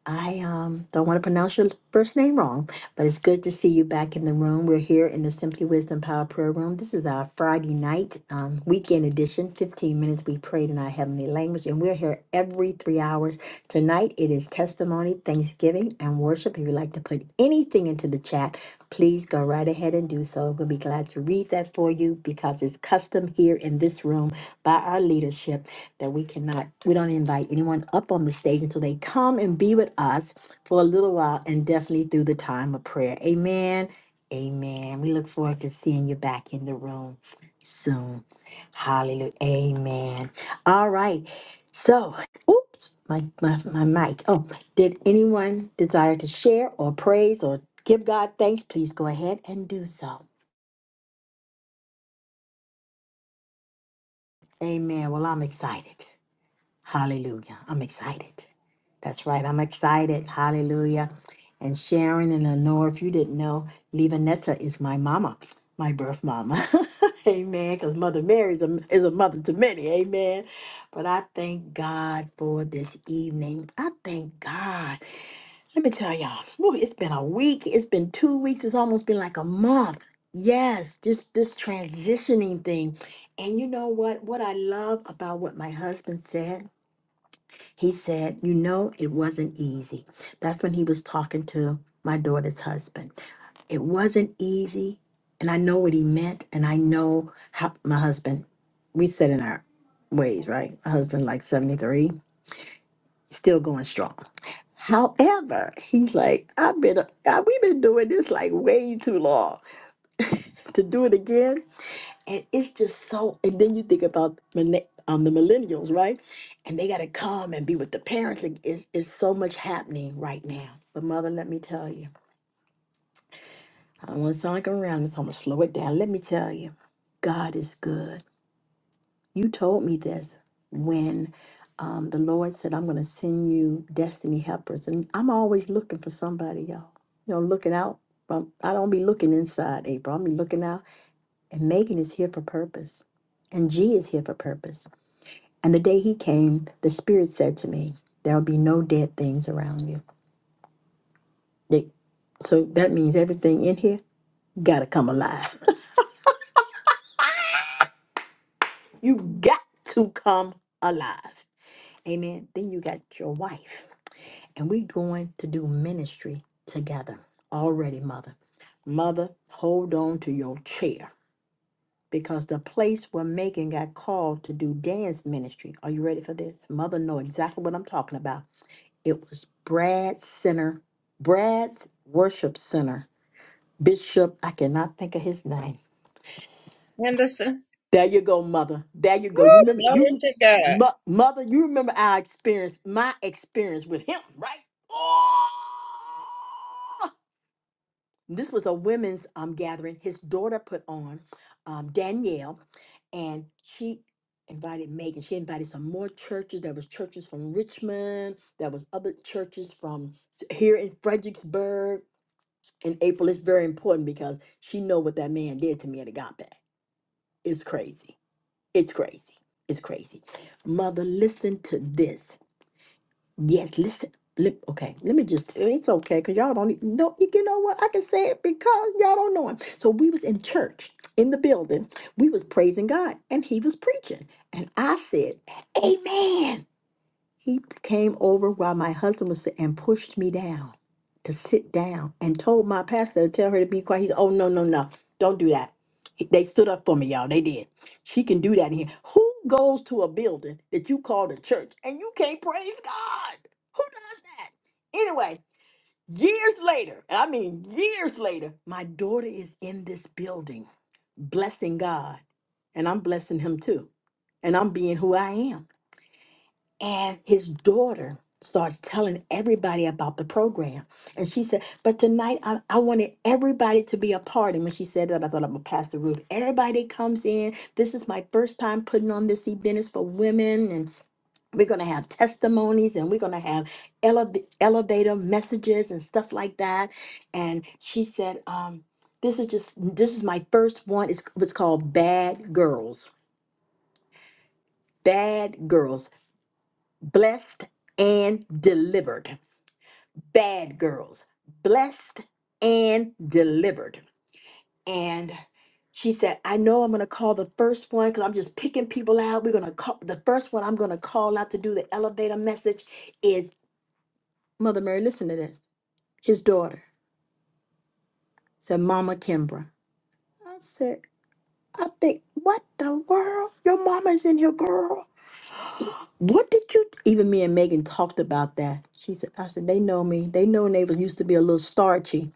A: I um, don't want to pronounce your first name wrong, but it's good to see you back in the room. We're here in the Simply Wisdom Power Prayer Room. This is our Friday night um, weekend edition. Fifteen minutes we prayed in our heavenly language, and we're here every three hours. Tonight it is testimony, Thanksgiving, and worship. If you'd like to put anything into the chat, please go right ahead and do so. We'll be glad to read that for you because it's custom here in this room by our leadership that we cannot, we don't invite anyone up on the stage until they come and be with us for a little while and definitely through the time of prayer. Amen. Amen. We look forward to seeing you back in the room soon. Hallelujah. Amen. All right. So, oops, my, my, my mic. Oh, did anyone desire to share or praise or Give God thanks. Please go ahead and do so. Amen. Well, I'm excited. Hallelujah. I'm excited. That's right. I'm excited. Hallelujah. And Sharon and Lenore, if you didn't know, Levanetta is my mama, my birth mama. Amen. Because Mother Mary is a, is a mother to many. Amen. But I thank God for this evening. I thank God. Let me tell y'all, whew, it's been a week. It's been two weeks. It's almost been like a month. Yes, just this transitioning thing. And you know what? What I love about what my husband said, he said, you know, it wasn't easy. That's when he was talking to my daughter's husband. It wasn't easy. And I know what he meant. And I know how my husband, we sit in our ways, right? My husband, like 73 still going strong. However, he's like, I've been, I, we've been doing this like way too long to do it again, and it's just so. And then you think about millen- um, the millennials, right? And they got to come and be with the parents. Like, it's, it's so much happening right now. But mother, let me tell you, I don't want to sound like I'm around, this, so I'm gonna slow it down. Let me tell you, God is good. You told me this when um, the Lord said, I'm going to send you destiny helpers. And I'm always looking for somebody, y'all. You know, looking out. um, I don't be looking inside, April. I'm be looking out. And Megan is here for purpose. And G is here for purpose. And the day he came, the Spirit said to me, There'll be no dead things around you. They, so that means everything in here got to come alive. you got to come alive. Amen. Then you got your wife. and we're going to do ministry together already, Mother. Mother, hold on to your chair because the place where Megan got called to do dance ministry. Are you ready for this? Mother know exactly what I'm talking about. It was Brad Center, Brad's Worship Center. Bishop, I cannot think of his name.
C: Henderson.
A: There you go, mother. There you go. You
C: Woo,
A: remember
C: glory
A: you
C: to God.
A: mo- mother, you remember our experience, my experience with him, right? this was a women's um, gathering his daughter put on um, danielle and she invited megan she invited some more churches there was churches from richmond there was other churches from s- here in fredericksburg in april it's very important because she know what that man did to me at agape it's crazy it's crazy it's crazy mother listen to this Yes, listen. Let, okay, let me just. It's okay because y'all don't even know. You know what? I can say it because y'all don't know him. So we was in church in the building. We was praising God, and he was preaching, and I said, "Amen." He came over while my husband was sitting and pushed me down to sit down and told my pastor to tell her to be quiet. He said, Oh, no, no, no, don't do that. He- They stood up for me, y'all. They did. She can do that in here. Who goes to a building that you call the church and you can't praise God? Who does that? Anyway, years later, and I mean years later, my daughter is in this building blessing God, and I'm blessing him too. And I'm being who I am. And his daughter starts telling everybody about the program. And she said, But tonight I, I wanted everybody to be a part. And when she said that, I thought I'm going to pass the roof. Everybody comes in. This is my first time putting on this event. It's for women. And we're going to have testimonies and we're going to have elev- elevator messages and stuff like that. And she said, um, this is just this is my first one. It's, it's called Bad Girls. Bad Girls blessed and delivered. Bad girls, blessed and delivered. And she said, I know I'm going to call the first one because I'm just picking people out. We're going to call the first one I'm going to call out to do the elevator message is Mother Mary. Listen to this. His daughter said, Mama Kimbra. I said, I think, what the world? Your mama's in here, girl. What did you even me and Megan talked about that? She said, I said, they know me. They know they was used to be a little starchy.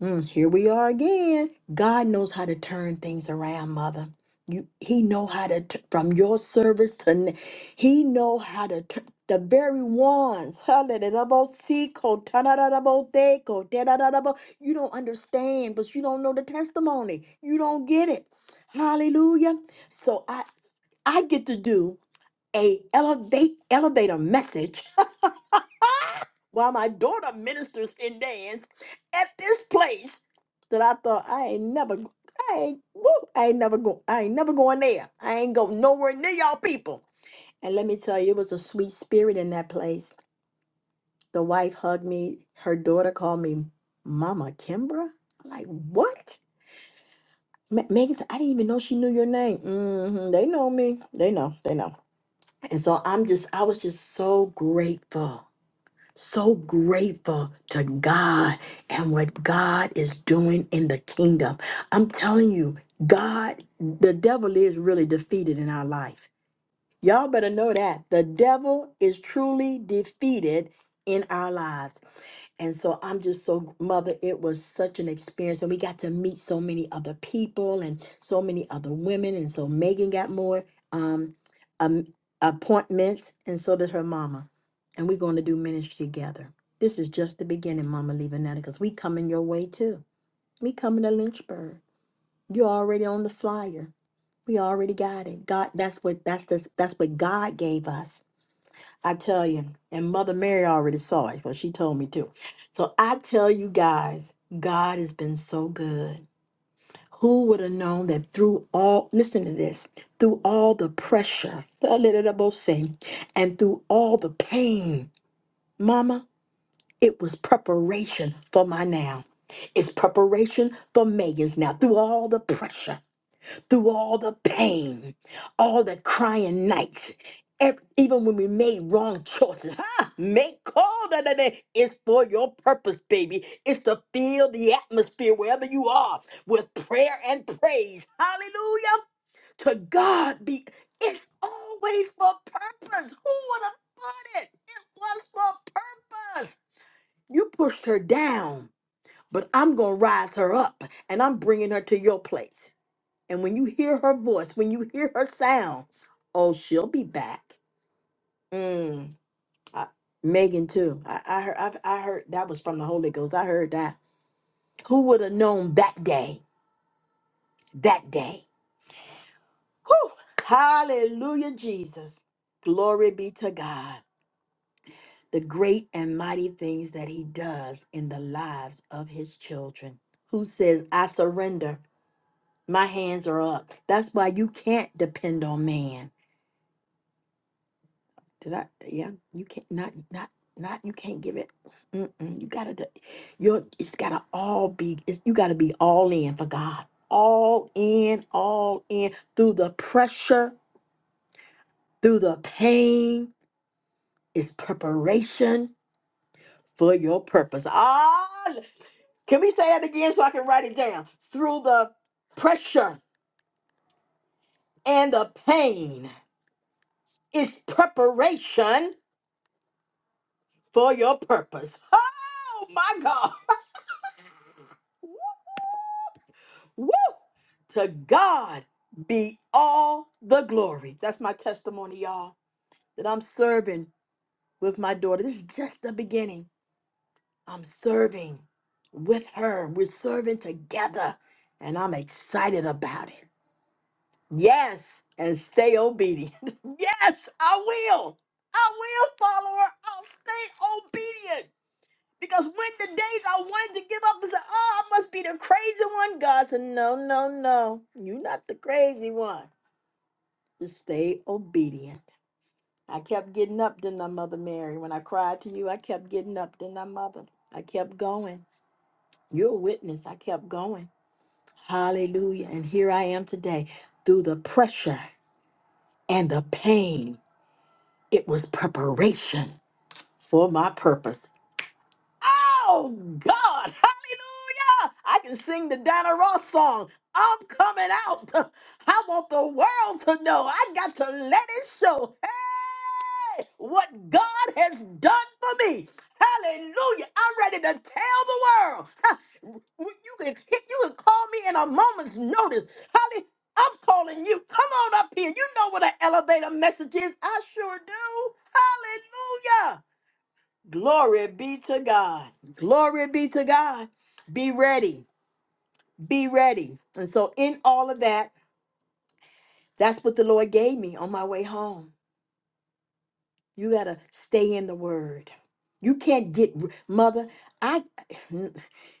A: Mm, here we are again. God knows how to turn things around, mother. You, he know how to t- from your service to n- he know how to turn the very ones. hallelujah-bo-see-ko, ta-da-da-da-bo-they-ko, da-da-da-da-bo. You don't understand, but you don't know the testimony. You don't get it. Hallelujah. So I I get to do a elevate elevator message while my daughter ministers and dance at this place that I thought I ain't never, I ain't, woo, I ain't never go, I ain't never going there. I ain't go nowhere near y'all people. And let me tell you, it was a sweet spirit in that place. The wife hugged me. Her daughter called me Mama Kimbra. I'm like, what? Ma- Megan said, I didn't even know she knew your name. hmm they know me. They know. They know. And so I'm just, I was just so grateful so grateful to God and what God is doing in the kingdom. I'm telling you, God, the devil is really defeated in our life. Y'all better know that the devil is truly defeated in our lives. And so I'm just so, Mother, it was such an experience. And we got to meet so many other people and so many other women. And so Megan got more um, um, appointments, and so did her mama. And we're going to do ministry together. This is just the beginning, Mama Levanetta, because we coming your way too. We coming to Lynchburg. You're already on the flyer. We already got it. God, that's what that's the that's what God gave us. I tell you. And Mother Mary already saw it, because she told me too. So I tell you guys, God has been so good. Who would have known that through all listen to this, through all the pressure, and through all the pain, mama, it was preparation for my now. It's preparation for Megan's now through all the pressure through all the pain, all the crying nights, ev- even when we made wrong choices. Ha! Make call that day. It's for your purpose, baby. It's to fill the atmosphere wherever you are with prayer and praise. Hallelujah. To God be. It's always for purpose. Who would have thought it? It was for purpose. You pushed her down, but I'm going to rise her up and I'm bringing her to your place. And when you hear her voice, when you hear her sound, oh, she'll be back. Mm. I- Megan too. I, I heard. I've, I heard that was from the Holy Ghost. I heard that. Who would have known that day? That day. Whew. Hallelujah, Jesus. Glory be to God. The great and mighty things that He does in the lives of His children. Who says, "I surrender. My hands are up." That's why you can't depend on man. Did I? Yeah, you can't not not not you can't give it. Mm-mm, you gotta do- you're it's gotta all be it's, you gotta be all in for God, all in, all in through the pressure, through the pain. It's preparation for your purpose. Ah, can we say that again so I can write it down? Through the pressure and the pain, it's preparation for your purpose. Oh my God. Woo! To God be all the glory. That's my testimony, y'all, that I'm serving with my daughter. This is just the beginning. I'm serving with her. We're serving together, and I'm excited about it. Yes, and stay obedient. yes, I will. I will follow her. I'll stay obedient. Because when the days I wanted to give up and say, oh, I must be the crazy one, God said, no, no, no. You're not the crazy one. Just stay obedient. I kept getting up, didn't I, Mother Mary? When I cried to you, I kept getting up, didn't I, Mother? I kept going. You're a witness. I kept going. Hallelujah. And here I am today through the pressure and the pain. It was preparation for my purpose. Oh God, hallelujah! I can sing the Donna Ross song. I'm coming out. I want the world to know. I got to let it show. Hey, what God has done for me. Hallelujah. I'm ready to tell the world. Ha, You can you can call me in a moment's notice. Holly, I'm calling you. Come on up here. You know what an elevator message is. I sure do. Glory be to God. Glory be to God. Be ready. Be ready. And so, in all of that, that's what the Lord gave me on my way home. You got to stay in the word. You can't get, mother, I.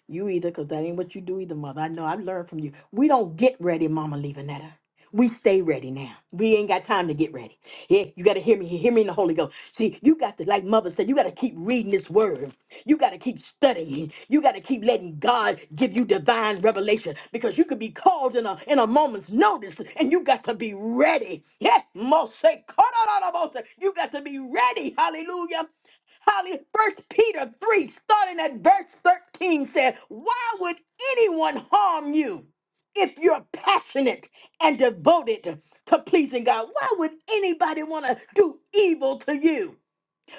A: You either, because that ain't what you do either, mother. I know I've learned from you. We don't get ready, Mama Levanetta. We stay ready now. We ain't got time to get ready. Yeah, you gotta hear me. Hear me in the Holy Ghost. See, you got to, like Mother said, you gotta keep reading this word. You gotta keep studying. You gotta keep letting God give you divine revelation because you could be called in a in a moment's notice, and you got to be ready. Yeah, Mose, you got to be ready. Hallelujah. Holly, First Peter 3, starting at verse 13, said, Why would anyone harm you if you're passionate and devoted to pleasing God? Why would anybody want to do evil to you?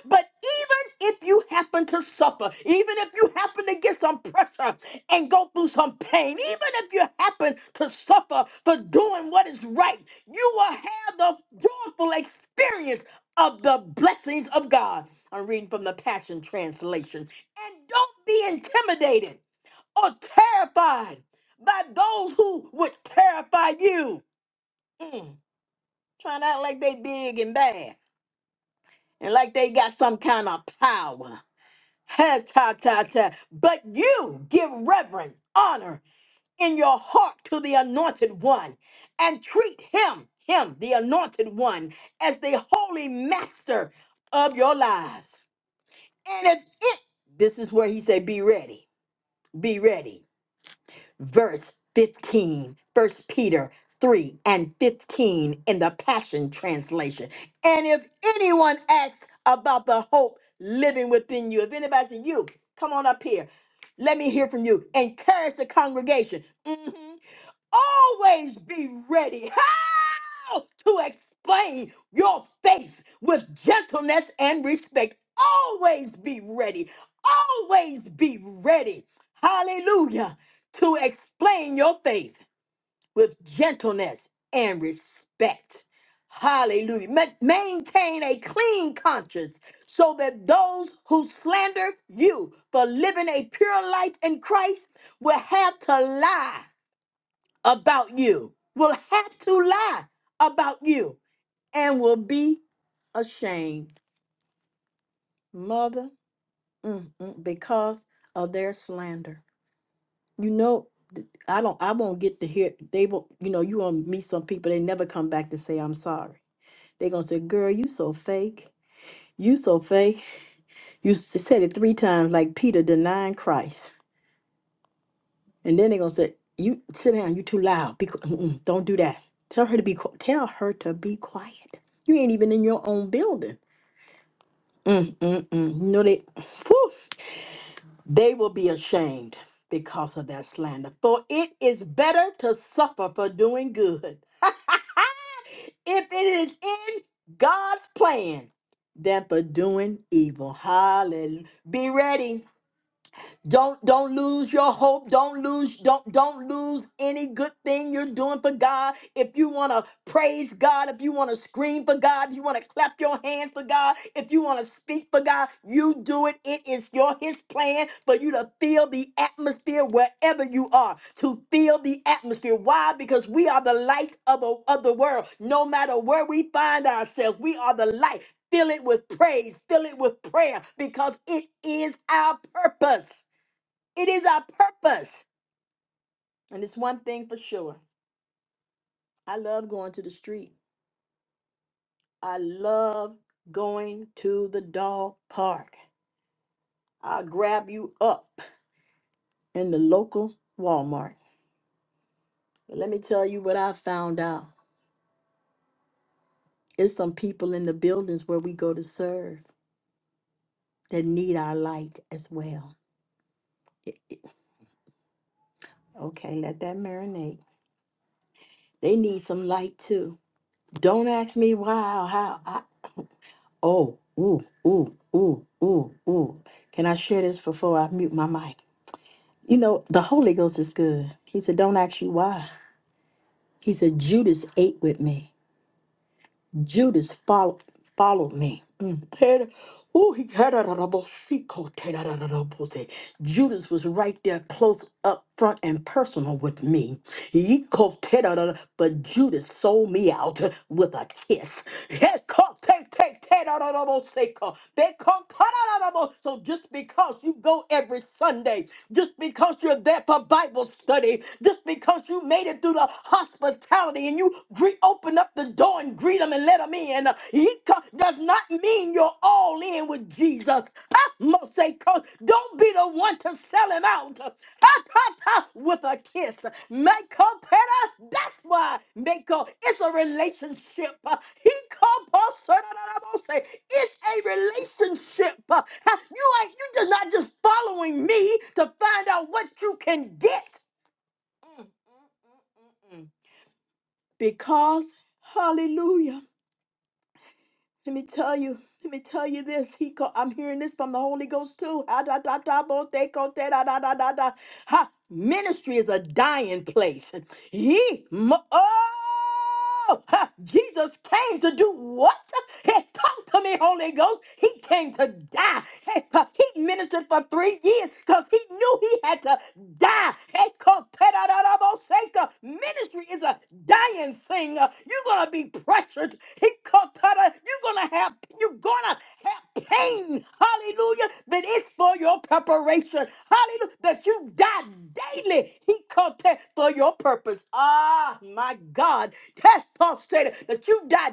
A: But even if you happen to suffer, even if you happen to get some pressure and go through some pain, even if you happen to suffer for doing what is right, you will have the joyful experience of the blessings of God. I'm reading from the Passion Translation. And don't be intimidated or terrified by those who would terrify you. Mm, trying to act like they big and bad and like they got some kind of power. Ha ta ta ta. But you give reverence, honor in your heart to the anointed one and treat him, him, the anointed one, as the holy master of your lives. And if it, this is where he said, be ready, be ready verse 15, First Peter 3 and 15 in the Passion Translation. And if anyone asks about the hope living within you, if anybody says, You, come on up here. Let me hear from you. Encourage the congregation. Mhm always be ready to explain your faith with gentleness and respect. Always be ready. Always be ready. Hallelujah. To explain your faith with gentleness and respect. Hallelujah. Ma- maintain a clean conscience so that those who slander you for living a pure life in Christ will have to lie about you, will have to lie about you, and will be ashamed, mother, mm, mm, because of their slander. You know, th- I don't. I won't get to hear. They won't. You know, you won't meet some people. They never come back to say I'm sorry. They gonna say, "Girl, you so fake. You so fake. You s- said it three times, like Peter denying Christ." And then they're gonna say, "You sit down. You too loud. Be, qui- mm-mm, don't do that. Tell her to be. qui- Tell her to be quiet. You ain't even in your own building. Mm, mm, mm. You know they. Whew. They will be ashamed because of that slander. For it is better to suffer for doing good, if it is in God's plan, than for doing evil. Hallelujah. Be ready. Don't don't lose your hope. Don't lose don't don't lose any good thing you're doing for God. If you want to praise God, if you want to scream for God, if you want to clap your hands for God, if you want to speak for God, you do it. It is your his plan for you to feel the atmosphere wherever you are. To feel the atmosphere. Why? Because we are the light of, a, of the world. No matter where we find ourselves, we are the light. Fill it with praise, fill it with prayer because it is our purpose. It is our purpose. And it's one thing for sure. I love going to the street. I love going to the dog park. I'll grab you up in the local Walmart. But let me tell you what I found out. It's some people in the buildings where we go to serve that need our light as well. Okay, let that marinate. They need some light too. Don't ask me why or how. I, oh, ooh, ooh, ooh, ooh, ooh. Can I share this before I mute my mic? You know, the Holy Ghost is good. He said, Don't ask you why. He said, Judas ate with me. Judas follow, followed me. Mm. Ted- ooh, he- Judas was right there close up front and personal with me. He co- But Judas sold me out with a kiss. So just because you go every Sunday, just because you're there for Bible study, just because you made it through the hospitality and you gre- open up the door and greet them and let them in, he co- does not mean you're all in with Jesus because don't be the one to sell him out uh, Ah, ta, ta, with a kiss. Mako pera, that's why Mako, it's a relationship. uh, He called Paul sir, da, da, da, bo- say It's a relationship. Ah, You ain't you just not just following me to find out what you can get. Mm, mm, mm, mm. Because, hallelujah. Let me tell you, let me tell you this. He co- I'm hearing this from the Holy Ghost too. Ha, da, da, da, bo, te, ko, te, da, da, da, da, da. Ha, ministry is a dying place. He, mo- oh, ha, Jesus came to do what? He come to me, Holy Ghost. He came to die. He, co- he ministered for three years because he knew he had to die. He co- te, da, da, da, bo, se, ko. Ministry is a dying thing. You're going to be pressured. He called you're gonna have you're gonna have pain. Hallelujah. That is for your preparation. Hallelujah. That you die daily. He called that for your purpose. Ah my God. That Paul said it, that you die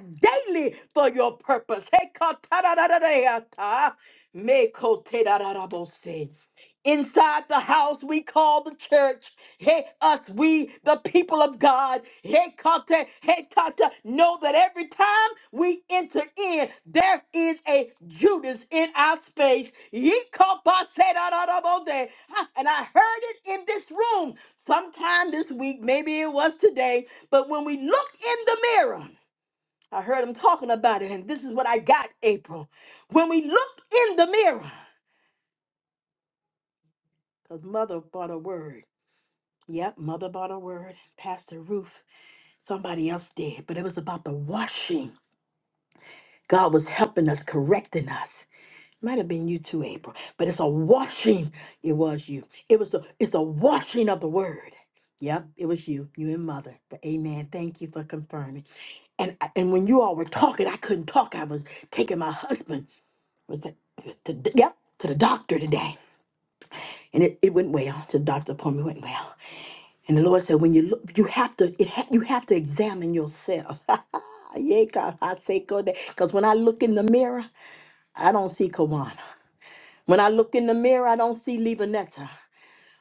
A: daily for your purpose. Hey, called ta da da da da. Me called ta da da da bo se inside the house we call the church. Hey, us, we, the people of God. Hey, Kata, hey, Tata, know that every time we enter in, there is a Judas in our space. Ye kapa se da da da bo de. Ha, And I heard it in this room sometime this week, maybe it was today, but when we look in the mirror, I heard him talking about it, and this is what I got, April. When we look in the mirror, because mother bought a word. Yep, mother bought a word, Pastor Ruth, somebody else did, but it was about the washing. God was helping us, correcting us. Might have been you too, April, but it's a washing. It was you. It was the it's a washing of the word. Yep, it was you, you and mother. But amen. Thank you for confirming. And and when you all were talking, I couldn't talk. I was taking my husband was that to, to- yep to the doctor today, and it, it went well. To the doctor's appointment went well. And the Lord said, when you look, you have to, it ha- you have to examine yourself. yeah, God, I say go there. Because when I look in the mirror, I don't see Kawana. When I look in the mirror, I don't see Levanetta.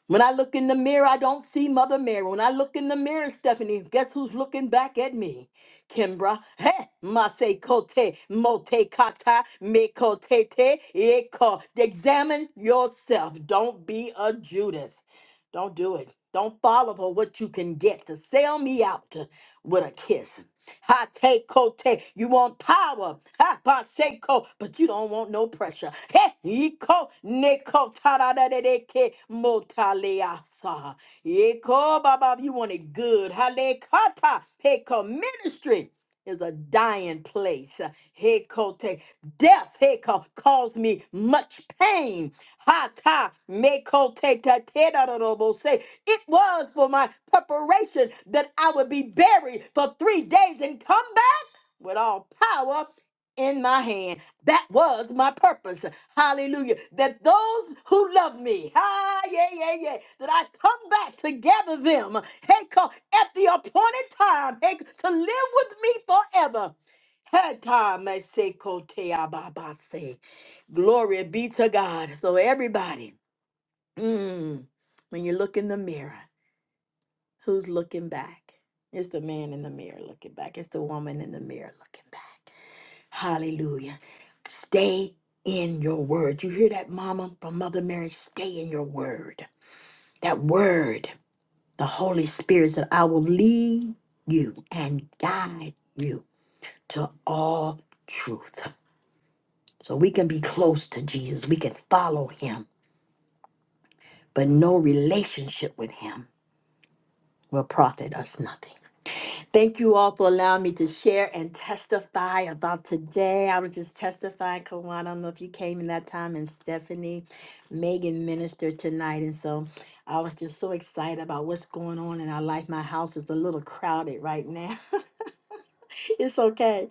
A: When I look in the mirror, I don't see Mother Mary. When I look in the mirror, Stephanie, guess who's looking back at me? Kimbra. Hey, Mase Kote, Mote Kata, Me Kote Te, Eko. Examine yourself. Don't be a Judas. Don't do it. Don't follow for what you can get to sell me out to- with a kiss. Ha take kote. You want power. Ha ba se, ko, but you don't want no pressure. He iko neko tada da da da de ke motalea You want it good. Hale kata. Hey, ministry is a dying place. Hekote, death heko caused me much pain. Hata mekote ta te da da da bo se. It was for my preparation that I would be buried for three days and come back with all power in my hand. That was my purpose. Hallelujah. That those who love me, ah, yeah, yeah, yeah, that I come back to gather them hey, co- at the appointed time hey, to live with me forever. Hey, time, I say, kote, ah, ba, ba, say. Glory be to God. So, everybody, mm, when you look in the mirror, who's looking back? It's the man in the mirror looking back. It's the woman in the mirror looking back. Hallelujah. Stay in your word. You hear that, Mama, from Mother Mary? Stay in your word. That word, the Holy Spirit said, I will lead you and guide you to all truth. So we can be close to Jesus, we can follow him, but no relationship with him will profit us nothing. Thank you all for allowing me to share and testify about today. I was just testifying, Kawan. I don't know if you came in that time, and Stephanie, Megan ministered tonight. And so I was just so excited about what's going on in our life. My house is a little crowded right now. it's okay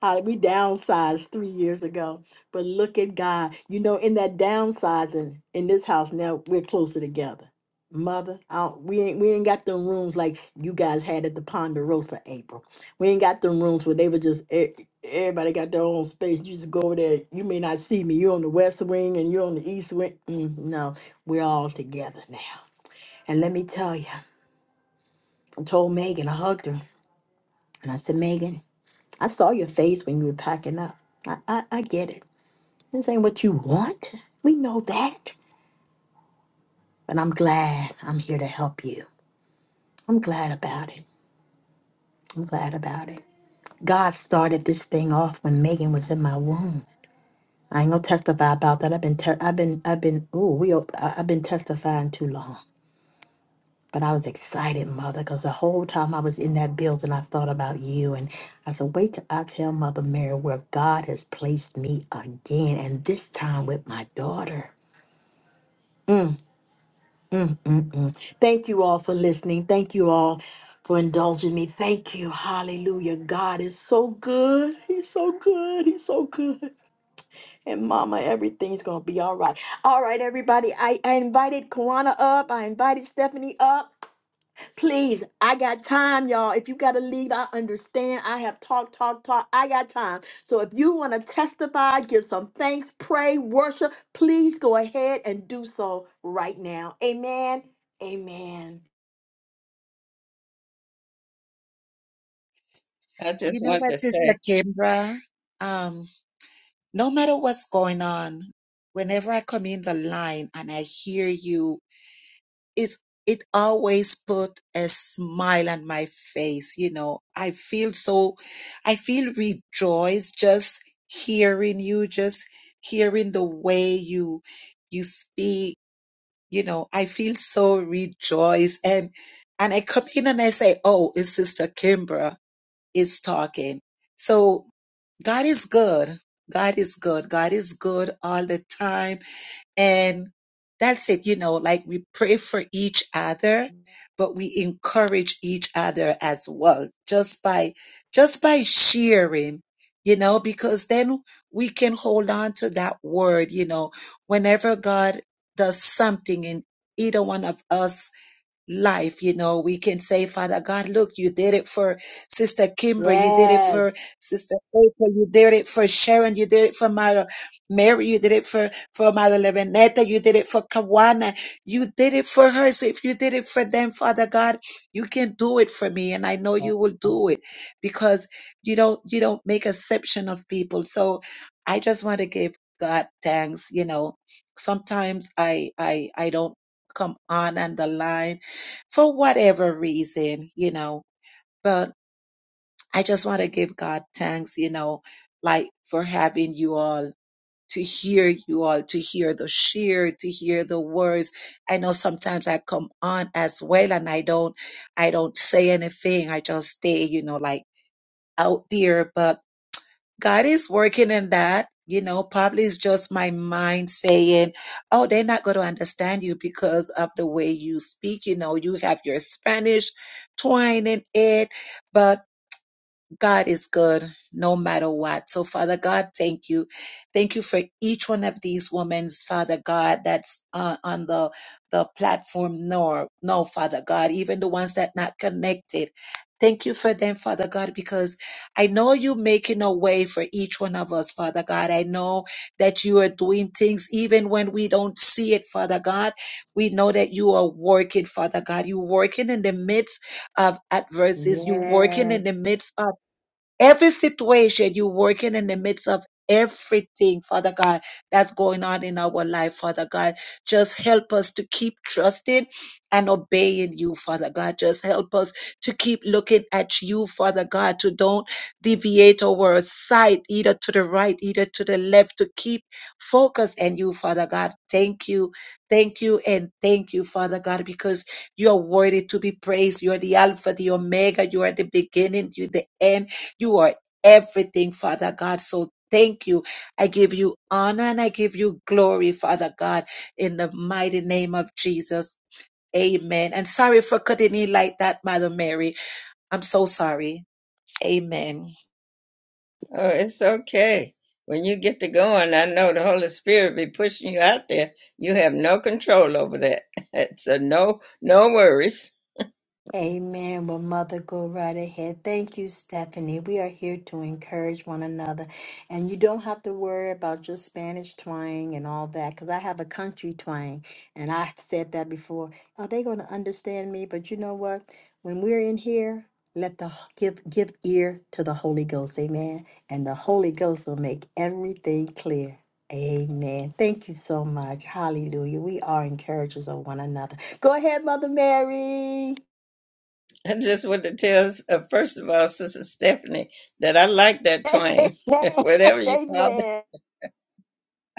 A: Holly, we downsized three years ago, but look at God. You know, in that downsizing in this house now, we're closer together. Mother, I don't, we ain't we ain't got them rooms like you guys had at the Ponderosa, April. We ain't got them rooms where they were just e- everybody got their own space. You just go over there. You may not see me. You're on the west wing and you're on the east wing. Mm, no, we're all together now. And let me tell you, I told Megan, I hugged her, and I said, Megan, I saw your face when you were packing up. I, I, I get it. This ain't what you want. We know that. But I'm glad I'm here to help you. I'm glad about it. I'm glad about it. God started this thing off when Megan was in my womb. I ain't gonna testify about that. I've been, te- I've been, I've been. Oh, we, i I- I've been testifying too long. But I was excited, mother, because the whole time I was in that building, I thought about you. And I said, wait till I tell Mother Mary where God has placed me again, and this time with my daughter. Mm, mm, mm. Thank you all for listening. Thank you all for indulging me. Thank you. Hallelujah. God is so good. He's so good. He's so good. And mama, everything's going to be all right. All right, everybody. I, I invited Kawana up. I invited Stephanie up. Please, I got time, y'all. If you got to leave, I understand. I have talked, talk, talk. I got time. So if you want to testify, give some thanks, pray, worship, please go ahead and do so right now. Amen. Amen.
C: I
E: You
C: just
E: know
C: want to
E: what, Sister
C: say,
E: Kimbra? Um, no matter what's going on, whenever I come in the line and I hear you, it's it always put a smile on my face. You know, I feel so, I feel rejoiced just hearing you, just hearing the way you you speak. You know, I feel so rejoiced and and I come in and I say, "Oh, it's Sister Kimbra." is talking. So God is good. God is good. God is good all the time. And that's it. You know, like we pray for each other, but we encourage each other as well, just by, just by sharing, you know, because then we can hold on to that word, you know, whenever God does something in either one of us life. You know, we can say, Father God, look, you did it for Sister Kimber, you did it for
A: Yes.
E: Sister April, you did it for Sharon, you did it for Mother Mary, you did it for, for Mother Levinetta, you did it for Kawana, you did it for her. So if you did it for them, Father God, you can do it for me. And I know you will do it because you don't you don't make exception of people. So I just want to give God thanks, you know. Sometimes I I I don't come on and the line for whatever reason, you know. But I just want to give God thanks, you know, like for having you all to hear you all, to hear the share, to hear the words. I know sometimes I come on as well and I don't I don't say anything. I just stay, you know, like out there. But God is working in that. You know, probably it's just my mind saying, oh, they're not going to understand you because of the way you speak. You know, you have your Spanish twang in it. but God is good no matter what. So, Father God, thank you. Thank you for each one of these women, Father God, that's uh, on the, the platform. No, no, Father God, even the ones that not connected. Thank you for them, Father God, because I know you making a way for each one of us, Father God. I know that you are doing things even when we don't see it, Father God. We know that you are working, Father God. You working in the midst of adversities. You working in
A: Yes.
E: the midst of every situation you're working in the midst of everything father god that's going on in our life father god just help us to keep trusting and obeying you father god just help us to keep looking at you father god to don't deviate our sight either to the right either to the left to keep focused and you father god thank you thank you and thank you father god because you are worthy to be praised you are the alpha the omega you are the beginning you the end you are everything, Father God. So thank you. I give you honor and I give you glory, Father God, in the mighty name of Jesus. Amen. And sorry for cutting in like that, Mother Mary. I'm so sorry. Amen.
C: oh, it's okay. When you get to going, I know the Holy Spirit be pushing you out there. You have no control over that. so no, no worries.
A: Amen. Well, Mother, go right ahead. Thank you, Stephanie. We are here to encourage one another. And you don't have to worry about your Spanish twang and all that, because I have a country twang. And I've said that before. Are they going to understand me? But you know what? When we're in here, let the give give ear to the Holy Ghost. Amen. And the Holy Ghost will make everything clear. Amen. Thank you so much. Hallelujah. We are encouragers of one another. Go ahead, Mother Mary.
C: I just want to tell, uh, first of all, Sister Stephanie, that I like that twang. Whatever you call it.
A: Amen.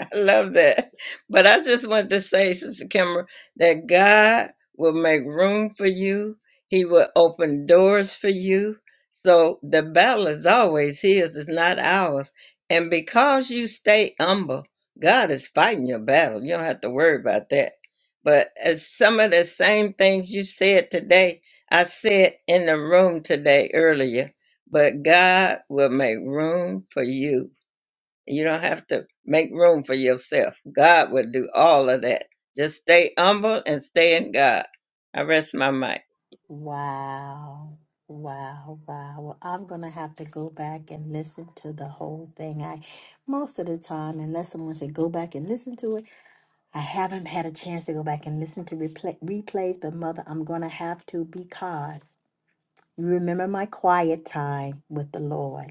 C: I love that. But I just wanted to say, Sister Kimber, that God will make room for you. He will open doors for you. So the battle is always his, it's not ours. And because you stay humble, God is fighting your battle. You don't have to worry about that. But as some of the same things you said today, I said in the room today earlier, but God will make room for you you don't have to make room for yourself. God will do all of that. Just stay humble and stay in God. I rest my mic.
A: Wow. Wow, wow. Well, I'm gonna have to go back and listen to the whole thing. I most of the time, unless someone said go back and listen to it, I haven't had a chance to go back and listen to replay, replays, but mother, I'm gonna have to because you remember my quiet time with the Lord.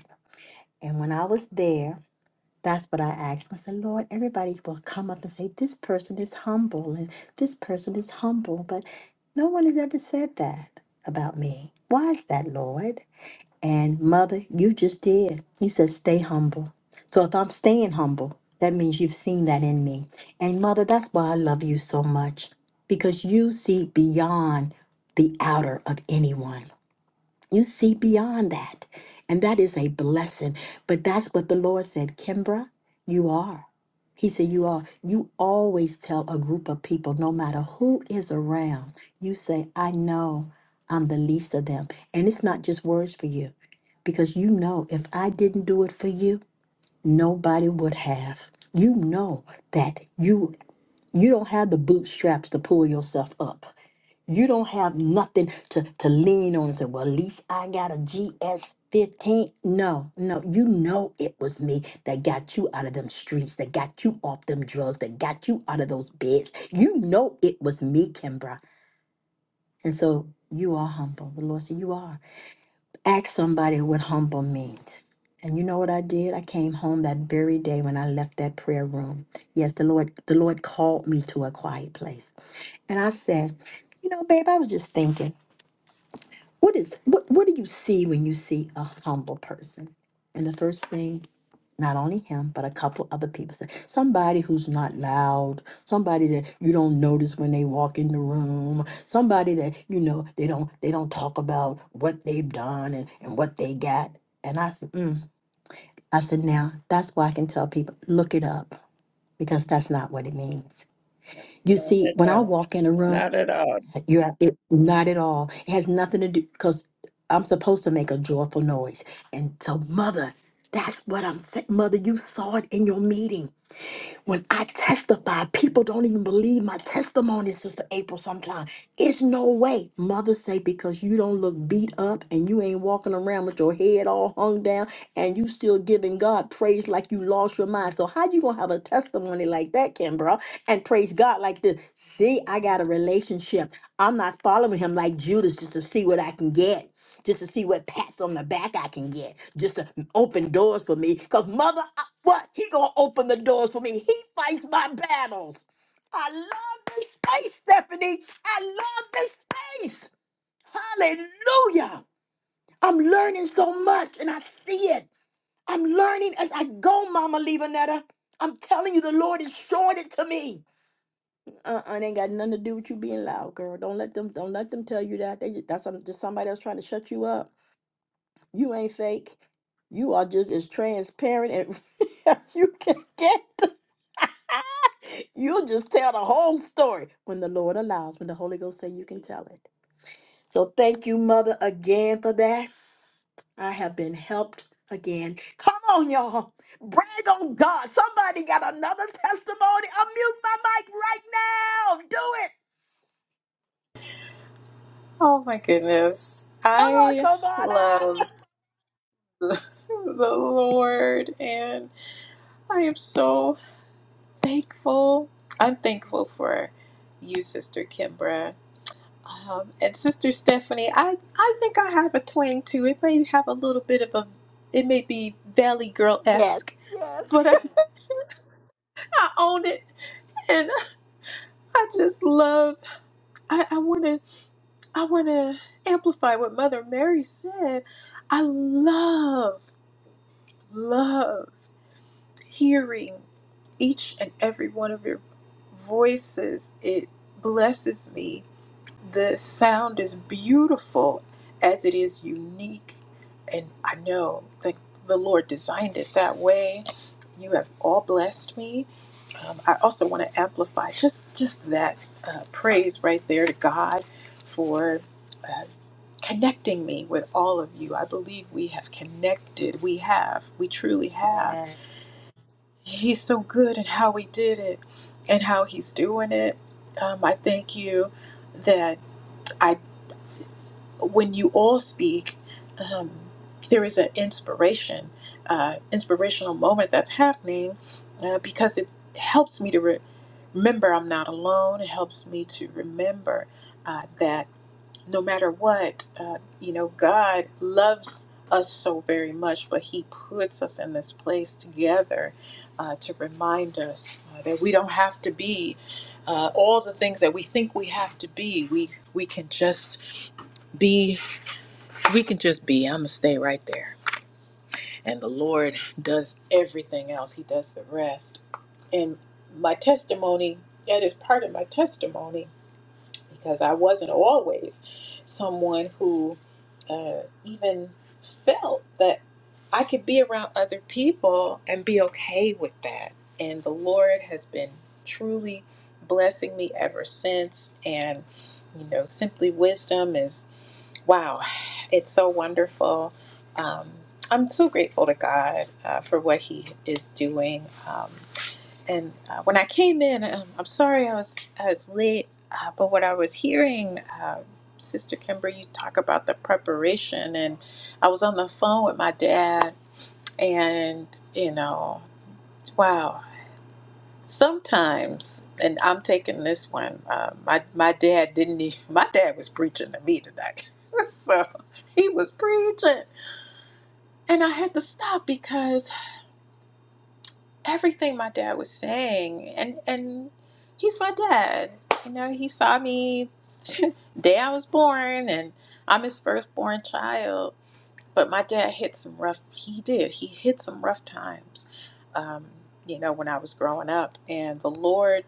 A: And when I was there, That's what I asked. I said, Lord, everybody will come up and say, This person is humble and this person is humble. But no one has ever said that about me. Why is that, Lord? And Mother, you just did. You said, Stay humble. So if I'm staying humble, that means you've seen that in me. And Mother, that's why I love you so much because you see beyond the outer of anyone. You see beyond that. And that is a blessing. But that's what the Lord said, Kimbra, you are. He said, You are. You always tell a group of people, no matter who is around, you say, I know I'm the least of them. And it's not just words for you, because you know if I didn't do it for you, nobody would have. You know that you you don't have the bootstraps to pull yourself up. You don't have nothing to, to lean on and say, well, at least I got a GS 15. No, no, you know it was me that got you out of them streets, that got you off them drugs, that got you out of those beds. You know it was me, Kimbra. And so you are humble. The Lord said, You are. Ask somebody what humble means. And you know what I did? I came home that very day when I left that prayer room. Yes, the Lord, the Lord called me to a quiet place. And I said, you know, babe, I was just thinking. What is what what do you see when you see a humble person? And the first thing, not only him, but a couple other people say, somebody who's not loud, somebody that you don't notice when they walk in the room, somebody that you know they don't they don't talk about what they've done and, and what they got. And I said, mm. I said, now that's why I can tell people, look it up, because that's not what it means. You
C: Not
A: see,
C: at
A: when I
C: all.
A: walk in a room.
C: Not at all.
A: You are it, not at all. It has nothing to do because I'm supposed to make a joyful noise. And so, mother, that's what I'm saying. Mother, you saw it in your meeting. When I testify, people don't even believe my testimony, Sister April, sometimes. It's no way. Mother say, because you don't look beat up and you ain't walking around with your head all hung down and you still giving God praise like you lost your mind. So how you gonna have a testimony like that, Kimbra, and praise God like this? See, I got a relationship. I'm not following him like Judas just to see what I can get just to see what pats on the back I can get, just to open doors for me. Cause mother, I, what he gonna open the doors for me? He fights my battles. I love this space, Stephanie. I love this space. Hallelujah. I'm learning so much, and I see it. I'm learning as I go, Mama Levanetta. I'm telling you, the Lord is showing it to me. Uh-uh, it ain't got nothing to do with you being loud, girl. Don't let them. Don't let them tell you that. They just, that's some- just somebody else trying to shut you up. You ain't fake. You are just as transparent and as you can get. You'll just tell the whole story when the Lord allows, when the Holy Ghost say you can tell it. So thank you, Mother, again for that. I have been helped again. Come on, y'all. Brag on God. Somebody got another testimony. Unmute my mic right now. Do it.
F: Oh my goodness.
A: Come on,
F: I love
A: Kamada.
F: the Lord and I am so thankful. I'm thankful for you, Sister Kimbra. Um, and Sister Stephanie, I, I think I have a twang too. It may have a little bit of a, it may be Valley Girl
A: Yes,
F: esque,
A: yes.
F: but I, I own it. And I just love, I, I want to I want to amplify what Mother Mary said. I love loved hearing each and every one of your voices. It blesses me. The sound is beautiful as it is unique. And I know that the Lord designed it that way. You have all blessed me. Um, I also want to amplify just, just that uh, praise right there to God for uh, connecting me with all of you. I believe we have connected. We have. We truly have
A: Yes.
F: He's so good at how He did it and how He's doing it. Um, I thank you that I, when you all speak, um, there is an inspiration, uh, inspirational moment that's happening uh, because it helps me to re- remember I'm not alone. It helps me to remember uh, that no matter what, uh, you know, God loves us so very much, but He puts us in this place together uh, to remind us uh, that we don't have to be uh, all the things that we think we have to be. We we can just be. We can just be. I'm gonna stay right there, and the Lord does everything else. He does the rest. And my testimony. That is part of my testimony because I wasn't always someone who uh, even felt that I could be around other people and be okay with that. And the Lord has been truly blessing me ever since. And, you know, simply wisdom is wow, it's so wonderful. Um, I'm so grateful to God uh, for what He is doing. Um, and uh, when I came in, um, I'm sorry I was I was late, uh, but what I was hearing, uh, Sister Kimber, you talk about the preparation, and I was on the phone with my dad, and you know, wow. Sometimes, and I'm taking this one. Uh, my my dad didn't. Even, my dad was preaching to me tonight, so he was preaching, and I had to stop because everything my dad was saying and and he's my dad you know he saw me the day i was born and i'm his firstborn child but my dad hit some rough he did he hit some rough times um, you know when i was growing up and the lord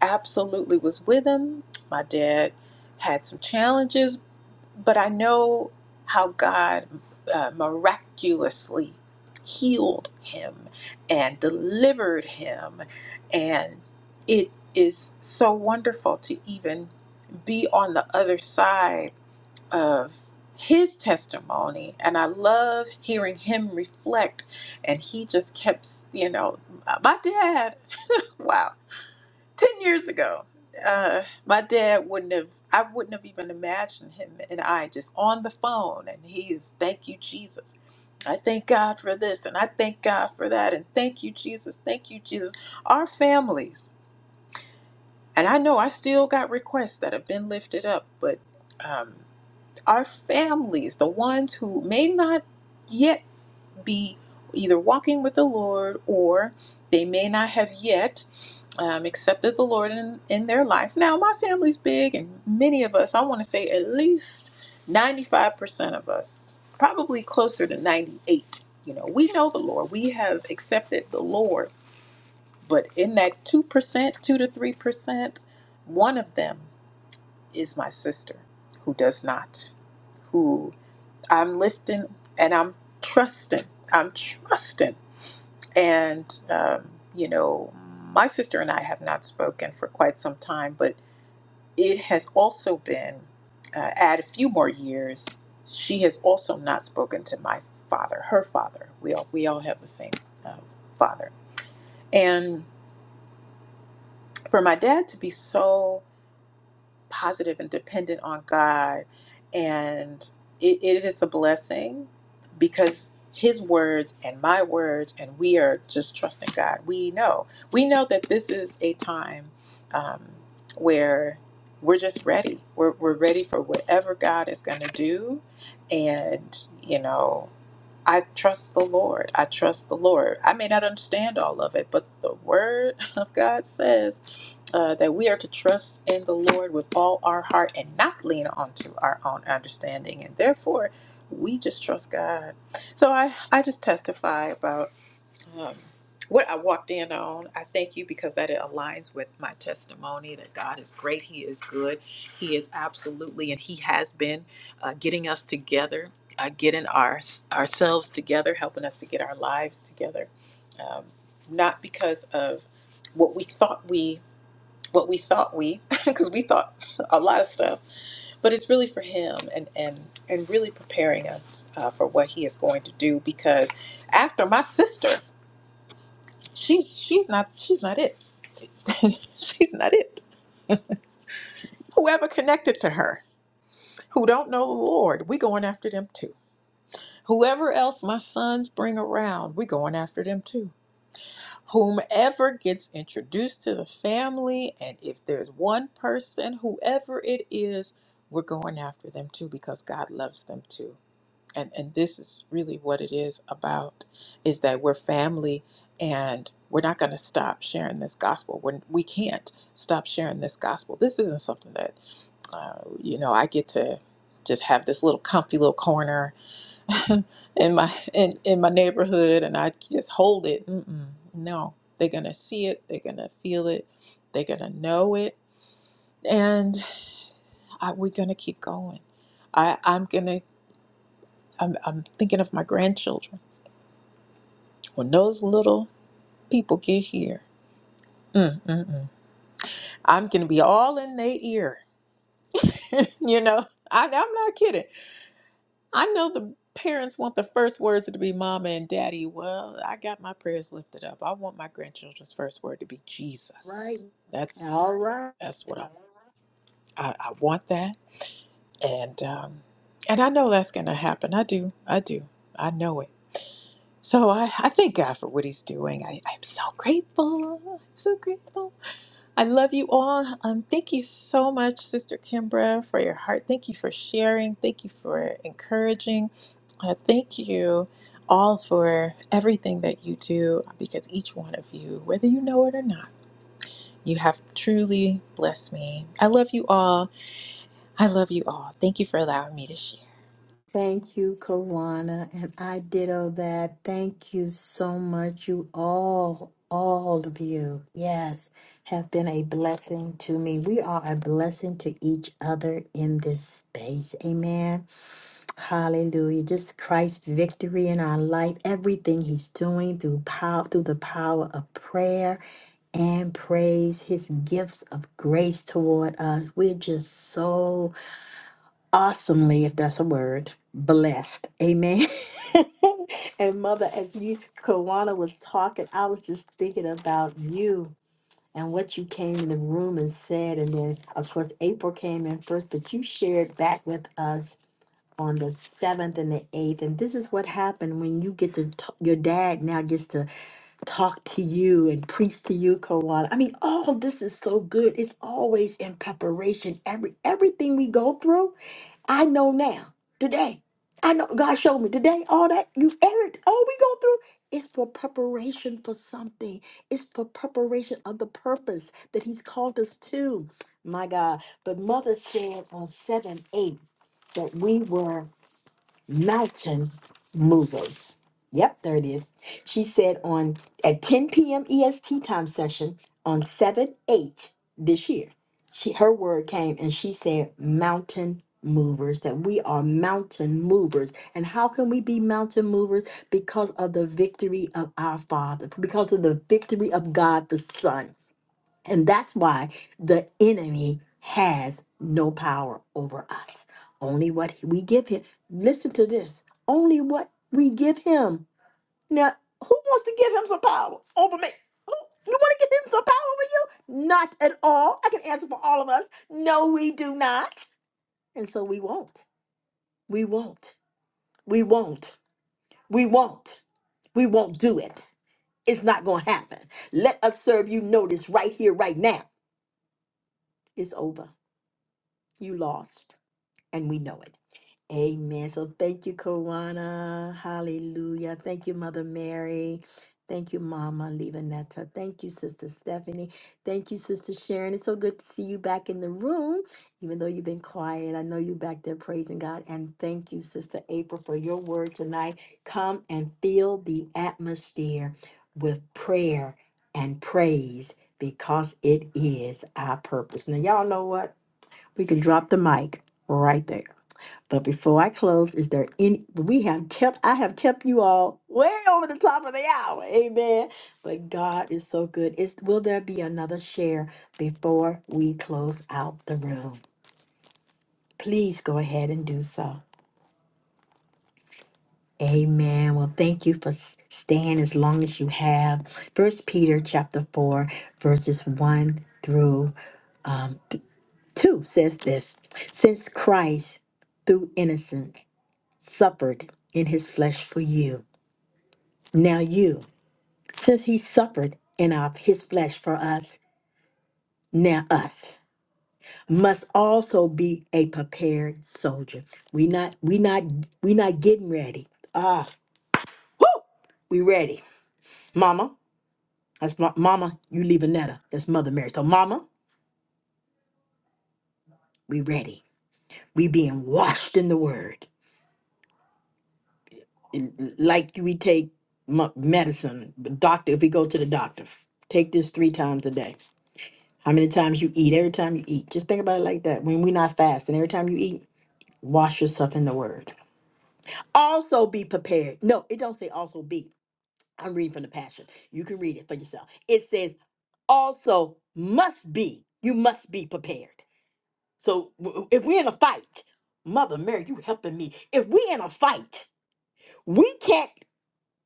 F: absolutely was with him my dad had some challenges but I know how God uh, miraculously healed him and delivered him. And it is so wonderful to even be on the other side of his testimony. And I love hearing him reflect. And he just kept, you know, my dad, wow. 10 years ago uh, my dad wouldn't have i wouldn't have even imagined him and i just on the phone and he's thank you jesus i thank god for this and i thank god for that and thank you jesus thank you jesus our families and i know i still got requests that have been lifted up but um, our families the ones who may not yet be either walking with the Lord or they may not have yet um, accepted the Lord in, in their life. Now, my family's big, and many of us, I want to say at least 95% of us, probably closer to 98, you know, we know the Lord. We have accepted the Lord, but in that 2%, 2 to 3%, one of them is my sister who does not, who I'm lifting and I'm trusting. I'm trusting and, um, you know, my sister and I have not spoken for quite some time, but it has also been, uh, add a few more years, she has also not spoken to my father, her father. We all, we all have the same um, father. And for my dad to be so positive and dependent on God. And it, it is a blessing because His words and my words, and we are just trusting God. We know. We know that this is a time um, where we're just ready. We're, we're ready for whatever God is going to do. And, you know, I trust the Lord. I trust the Lord. I may not understand all of it, but the Word of God says uh, that we are to trust in the Lord with all our heart and not lean onto our own understanding. And therefore, we just trust God. So I, I just testify about um, what I walked in on. I thank you because that it aligns with my testimony that God is great, He is good, He is absolutely, and He has been uh, getting us together, uh, getting our ourselves together, helping us to get our lives together, um, not because of what we thought we what we thought we because we thought a lot of stuff but it's really for him and and and really preparing us uh, for what he is going to do because after my sister she's she's not she's not it she's not it whoever connected to her who don't know the lord we going after them too whoever else my sons bring around we going after them too whomever gets introduced to the family and if there's one person whoever it is we're going after them too because god loves them too and and this is really what it is about is that we're family and we're not going to stop sharing this gospel when we can't stop sharing this gospel this isn't something that uh, you know i get to just have this little comfy little corner in my in, in my neighborhood and i just hold it Mm-mm, no they're going to see it they're going to feel it they're going to know it and I, we're going to keep going I, i'm going to I'm, I'm thinking of my grandchildren When those little people get here, mm, mm, mm, I'm going to be all in their ear. you know, I, I'm not kidding. I know the parents want the first words to be mama and daddy. Well, I got my prayers lifted up. I want my grandchildren's first word to be
A: Right.
F: Jesus. That's
A: All
F: Right.
A: right.
F: that's what I, I, I want that. And um, and I know that's going to happen. I do. I do. I know it. So I, I thank God for what he's doing. I, I'm so grateful. I'm so grateful. I love you all. Um, thank you so much, Sister Kimbra, for your heart. Thank you for sharing. Thank you for encouraging. Uh, thank you all for everything that you do because each one of you, whether you know it or not, you have truly blessed me. I love you all. I love you all. Thank you for allowing me to share.
A: Thank you, Kawana, and I ditto that. Thank you so much. You all, all of you, yes, have been a blessing to me. We are a blessing to each other in this space. Amen. Hallelujah. Just Christ's victory in our life, everything He's doing through power, through the power of prayer and praise, His gifts of grace toward us. We're just so awesomely, if that's a word, blessed. Amen. and mother, as you Kawana was talking, I was just thinking about you and what you came in the room and said. And then of course April came in first, but you shared back with us on the seventh and the eighth. And this is what happened when you get to t- your dad now gets to talk to you and preach to you, Kawana. I mean, all this is so good. It's always in preparation. Every everything we go through. I know now, today. I know God showed me today all that you every all we go through is for preparation for something. It's for preparation of the purpose that He's called us to. My God. But mother said on 7 8 that we were mountain movers. Yep, there it is. She said on at 10 p.m. EST time session on 7 8 this year. She her word came and she said mountain movers that we are mountain movers. And how can we be mountain movers because of the victory of our Father, because of the victory of God the Son. And that's why the enemy has no power over us. Only what we give him. Listen to this. Only what we give him. Now, who wants to give him some power over me? Who- You want to give him some power over you? Not at all. I can answer for all of us. No, we do not. And so we won't. We won't. We won't. We won't. We won't do it. It's not going to happen. Let us serve you notice right here, right now. It's over. You lost. and we know it. Amen. So thank you, Kawana. Hallelujah. Thank you, Mother Mary. Thank you, Mama Levanetta. Thank you, Sister Stephanie. Thank you, Sister Sharon. It's so good to see you back in the room, even though you've been quiet. I know you're back there praising God. And thank you, Sister April, for your word tonight. Come and fill the atmosphere with prayer and praise because it is our purpose. Now, y'all know what? We can drop the mic right there. But before I close, is there any we have kept I have kept you all way over the top of the hour. Amen. But God is so good. Is will there be another share before we close out the room? Please go ahead and do so. Amen. Well, thank you for s- staying as long as you have. First Peter chapter 4, verses 1 through um, 2 says this Since Christ, through innocence, suffered in his flesh for you Now you, since he suffered in our, his flesh for us, now us must also be a prepared soldier. We not we not we not getting ready. Ah, whoo, we ready, Mama. That's my, Mama. You leave Netta. That's Mother Mary. So Mama, we ready. We being washed in the Word, like we take mu- medicine. The doctor, if we go to the doctor, take this three times a day. How many times you eat, every time you eat. Just think about it like that. When we're not fasting, every time you eat, wash yourself in the word. Also be prepared. No, it don't say also be. I'm reading from the passion. You can read it for yourself. It says also must be. You must be prepared. So w- if we're in a fight, Mother Mary, you helping me. If we're in a fight, we can't.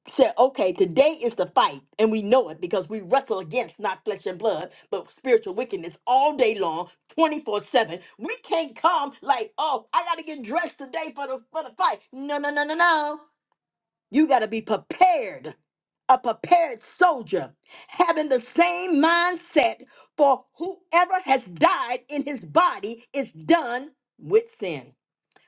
A: said, okay, today is the fight, and we know it because we wrestle against not flesh and blood, but spiritual wickedness all day long, 24-7. We can't come like, oh, I gotta get dressed today for the for the fight. No, no, no, no, no. You gotta be prepared. A prepared soldier having the same mindset for whoever has died in his body is done with sin.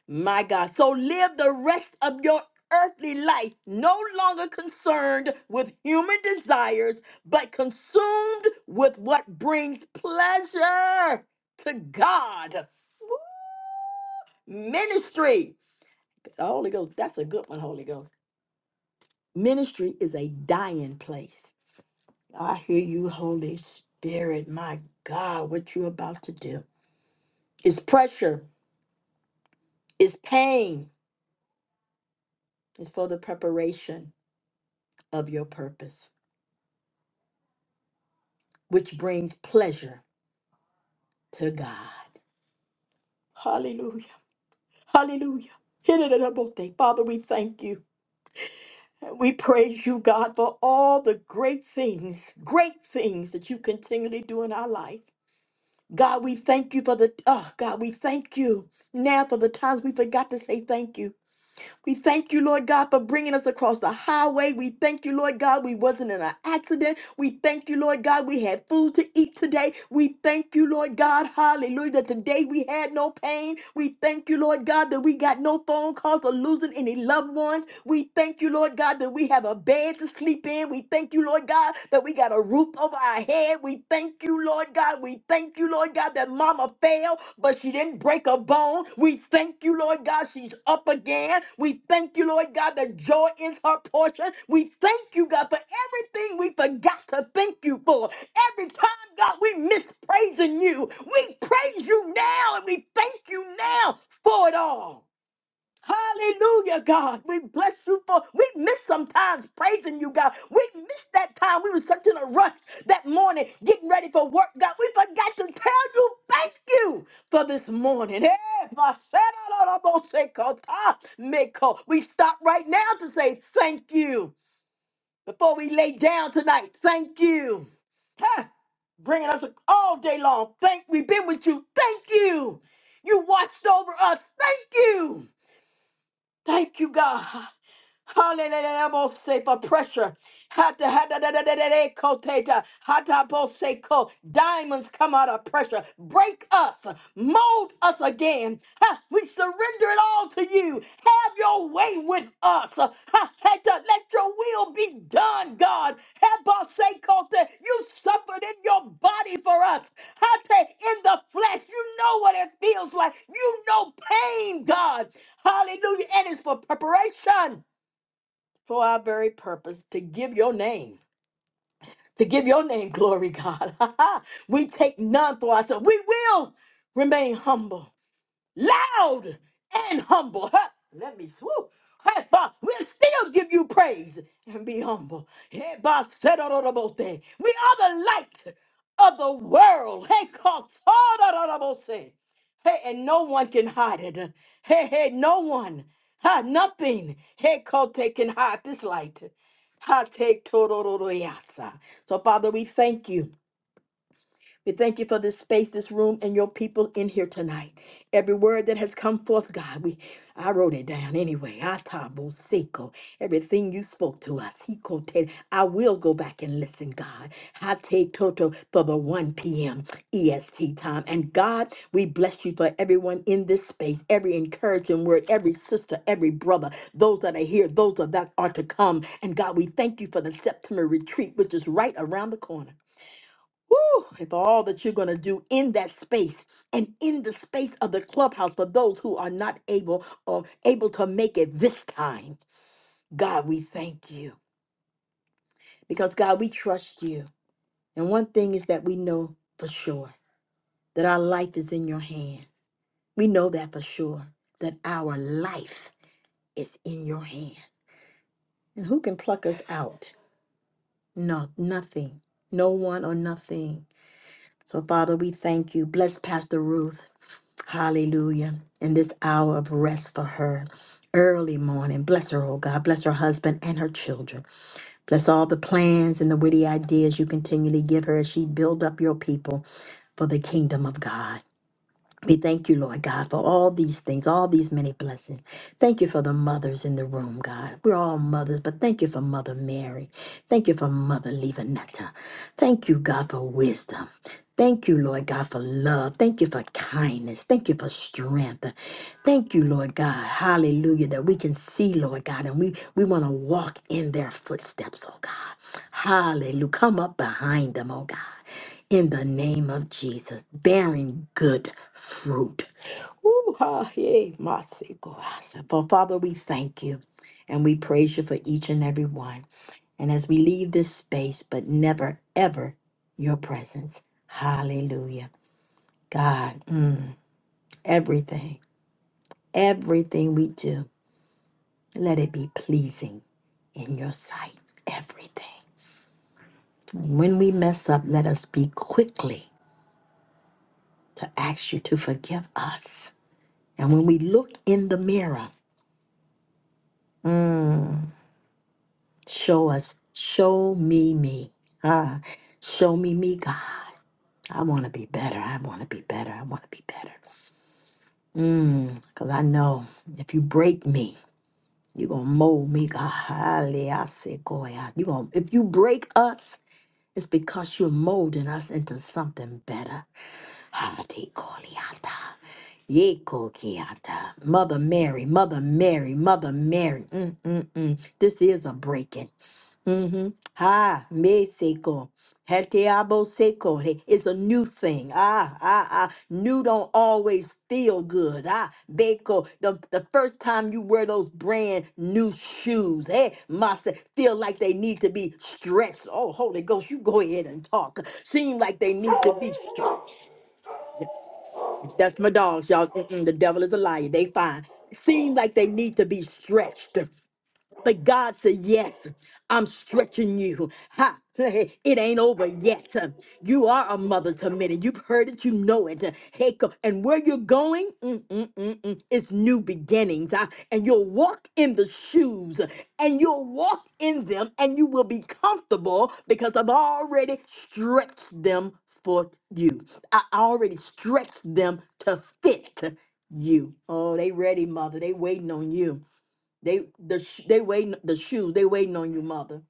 A: My God. So live the rest of your earthly life no longer concerned with human desires, but consumed with what brings pleasure to God. Woo! Ministry. The Holy Ghost, that's a good one, Holy Ghost. Ministry is a dying place. I hear you, Holy Spirit. My God, what you're about to do. It's pressure, it's pain, it's for the preparation of your purpose. which brings pleasure to God. Hallelujah. Hallelujah. Hidden Father, we thank you. And We praise you, God, for all the great things, great things that you continually do in our life. God, we thank you for the, oh, God, we thank you now for the times we forgot to say thank you. We thank you, Lord God, for bringing us across the highway. We thank you, Lord God, we wasn't in an accident. We thank you, Lord God, we had food to eat today. We thank you, Lord God, hallelujah, that today we had no pain. We thank you, Lord God, that we got no phone calls or losing any loved ones. We thank you, Lord God, that we have a bed to sleep in. We thank you, Lord God, that we got a roof over our head head. We thank you, Lord God. We thank you, Lord God, that mama fell, but she didn't break a bone. We thank you, Lord God, she's up again. We thank you, Lord God, that joy is her portion. We thank you, God, for everything we forgot to thank you for. Every time, God, we miss praising you. We praise you now and we thank you now for it all. Hallelujah, God. We bless you for we miss sometimes praising you, God. We missed that time. We were such in a rush that morning, getting ready for work, God. We forgot to tell you thank you for this morning. Eh, my Meko. We stop right now to say thank you before we lay down tonight. Thank you. Huh. Bringing us all day long. Thank we've been with you. Thank you. You watched over us. Thank you. Thank you, God. Hallelujah, most safe for pressure. Hata hata da da da da da ko Hata po Diamonds come out of pressure. Break us, mold us again. Ha, We surrender it all to you. Have your way with us. Ha, hata, Let your will be done, God. Ha, po te. You suffered in your body for us. Hata, In the flesh, you know what it feels like. You know pain, God. Hallelujah. And it's for preparation for our very purpose to give your name, to give your name glory, God. we take none for ourselves. We will remain humble loud and humble. Huh, Let me swoop. Hey, bah, We'll still give you praise and be humble. Hey, bah, said all the most thing. We are the light of the world. Hey, cause all the most thing. Hey, and no one can hide it. Hey, hey, no one. Ha, nothing. Hey, Kote can hide this light. Ha, take Torororoyasa. So, Father, we thank you. We thank you for this space, this room, and your people in here tonight. Every word that has come forth, God, we I wrote it down anyway. Atabo seko. Everything you spoke to us. He quoted. I will go back and listen, God. I take Toto for the 1 p.m. EST time. And God, we bless you for everyone in this space, every encouraging word, every sister, every brother, those that are here, those that are to come. And God, we thank you for the September retreat, which is right around the corner. Whew, if all that you're going to do in that space and in the space of the clubhouse for those who are not able or able to make it this time, God, we thank you because God, we trust you. And one thing is that we know for sure that our life is in your hand. We know that for sure that our life is in your hand. And who can pluck us out? No, nothing. No one or nothing. So, Father, we thank you. Bless Pastor Ruth. Hallelujah. In this hour of rest for her, early morning, bless her, oh God. Bless her husband and her children. Bless all the plans and the witty ideas you continually give her as she build up your people for the kingdom of God. We thank you, Lord God, for all these things, all these many blessings. Thank you for the mothers in the room, God. We're all mothers, but thank you for Mother Mary. Thank you for Mother Levanetta. Thank you, God, for wisdom. Thank you, Lord God, for love. Thank you for kindness. Thank you for strength. Thank you, Lord God. Hallelujah. That we can see, Lord God, and we, we want to walk in their footsteps, oh God. Hallelujah. Come up behind them, oh God in the name of Jesus, bearing good fruit. Ooh, ha, hey, My grace. But Father, we thank you and we praise you for each and every one. And as we leave this space, but never, ever your presence. Hallelujah. God, mm, everything, everything we do, let it be pleasing in your sight. Everything. When we mess up, let us be quickly to ask you to forgive us And when we look in the mirror, mm, show us, show me me. Ah, show me me, God. I want to be better. I want to be better. I want to be better. Because I know if you break me, you're going to mold me, God. Hallelujah. You gonna, if you break us, it's because you're molding us into something better. Hallelujah. Yekokiata. Mother Mary, Mother Mary, Mother Mary. Mm, mm, mm. This is a breaking. Mm-hmm. Ha, me seko. Hetiabo seko. Hey, It's a new thing. Ah, ah, ah. New don't always feel good. Ah, beko. The, the first time you wear those brand new shoes, hey, must feel like they need to be stretched. Oh, Holy Ghost, you go ahead and talk. Seem like they need to be stretched. That's my dogs, y'all. Mm-mm, the devil is a liar. They fine. Seems like they need to be stretched. But God said, Yes, I'm stretching you. Ha! It ain't over yet. You are a mother to many. You've heard it, you know it. Hey, co- and where you're going, mm, mm, mm, mm, it's new beginnings. Ah, And you'll walk in the shoes and you'll walk in them and you will be comfortable because I've already stretched them for you. I already stretched them to fit you. Oh, they ready, mother. They waiting on you. They the sh- they waiting the shoes. They waiting on you, mother.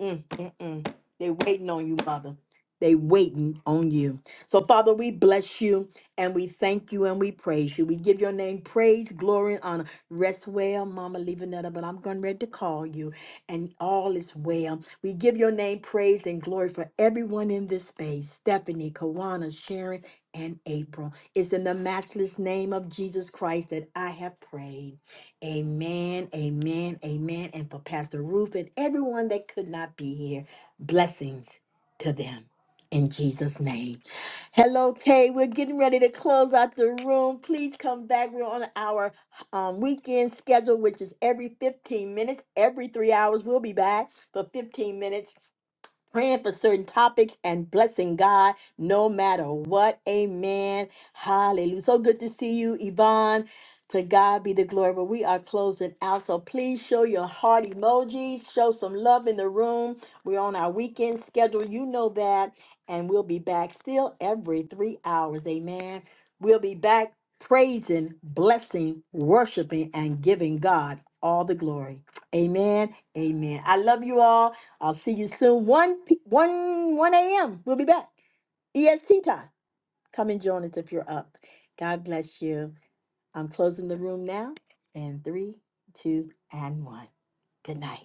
A: Mm, mm, mm. They waiting on you, mother. They waiting on you. So Father, we bless you and we thank you and we praise you. We give your name praise, glory, and honor. Rest well, Mama Levanetta, but I'm going ready to call you, and all is well. We give your name praise and glory for everyone in this space: Stephanie, Kawana, Sharon, and April. It's in the matchless name of Jesus Christ that I have prayed. Amen, amen, amen. And for Pastor Ruth and everyone that could not be here, blessings to them in Jesus' name. Hello, Kay. We're getting ready to close out the room. Please come back. We're on our um, weekend schedule, which is every 15 minutes, every three hours. We'll be back for 15 minutes praying for certain topics and blessing God no matter what. Amen. Hallelujah. So good to see you, Yvonne. To God be the glory. But we are closing out. So please show your heart emojis. Show some love in the room. We're on our weekend schedule. You know that. And we'll be back still every three hours. Amen. We'll be back praising, blessing, worshiping, and giving God all the glory. Amen. Amen. I love you all. I'll see you soon. 1 p- 1 1 a.m. We'll be back. EST time. Come and join us if you're up. God bless you. I'm closing the room now. In three, two, and one. Good night.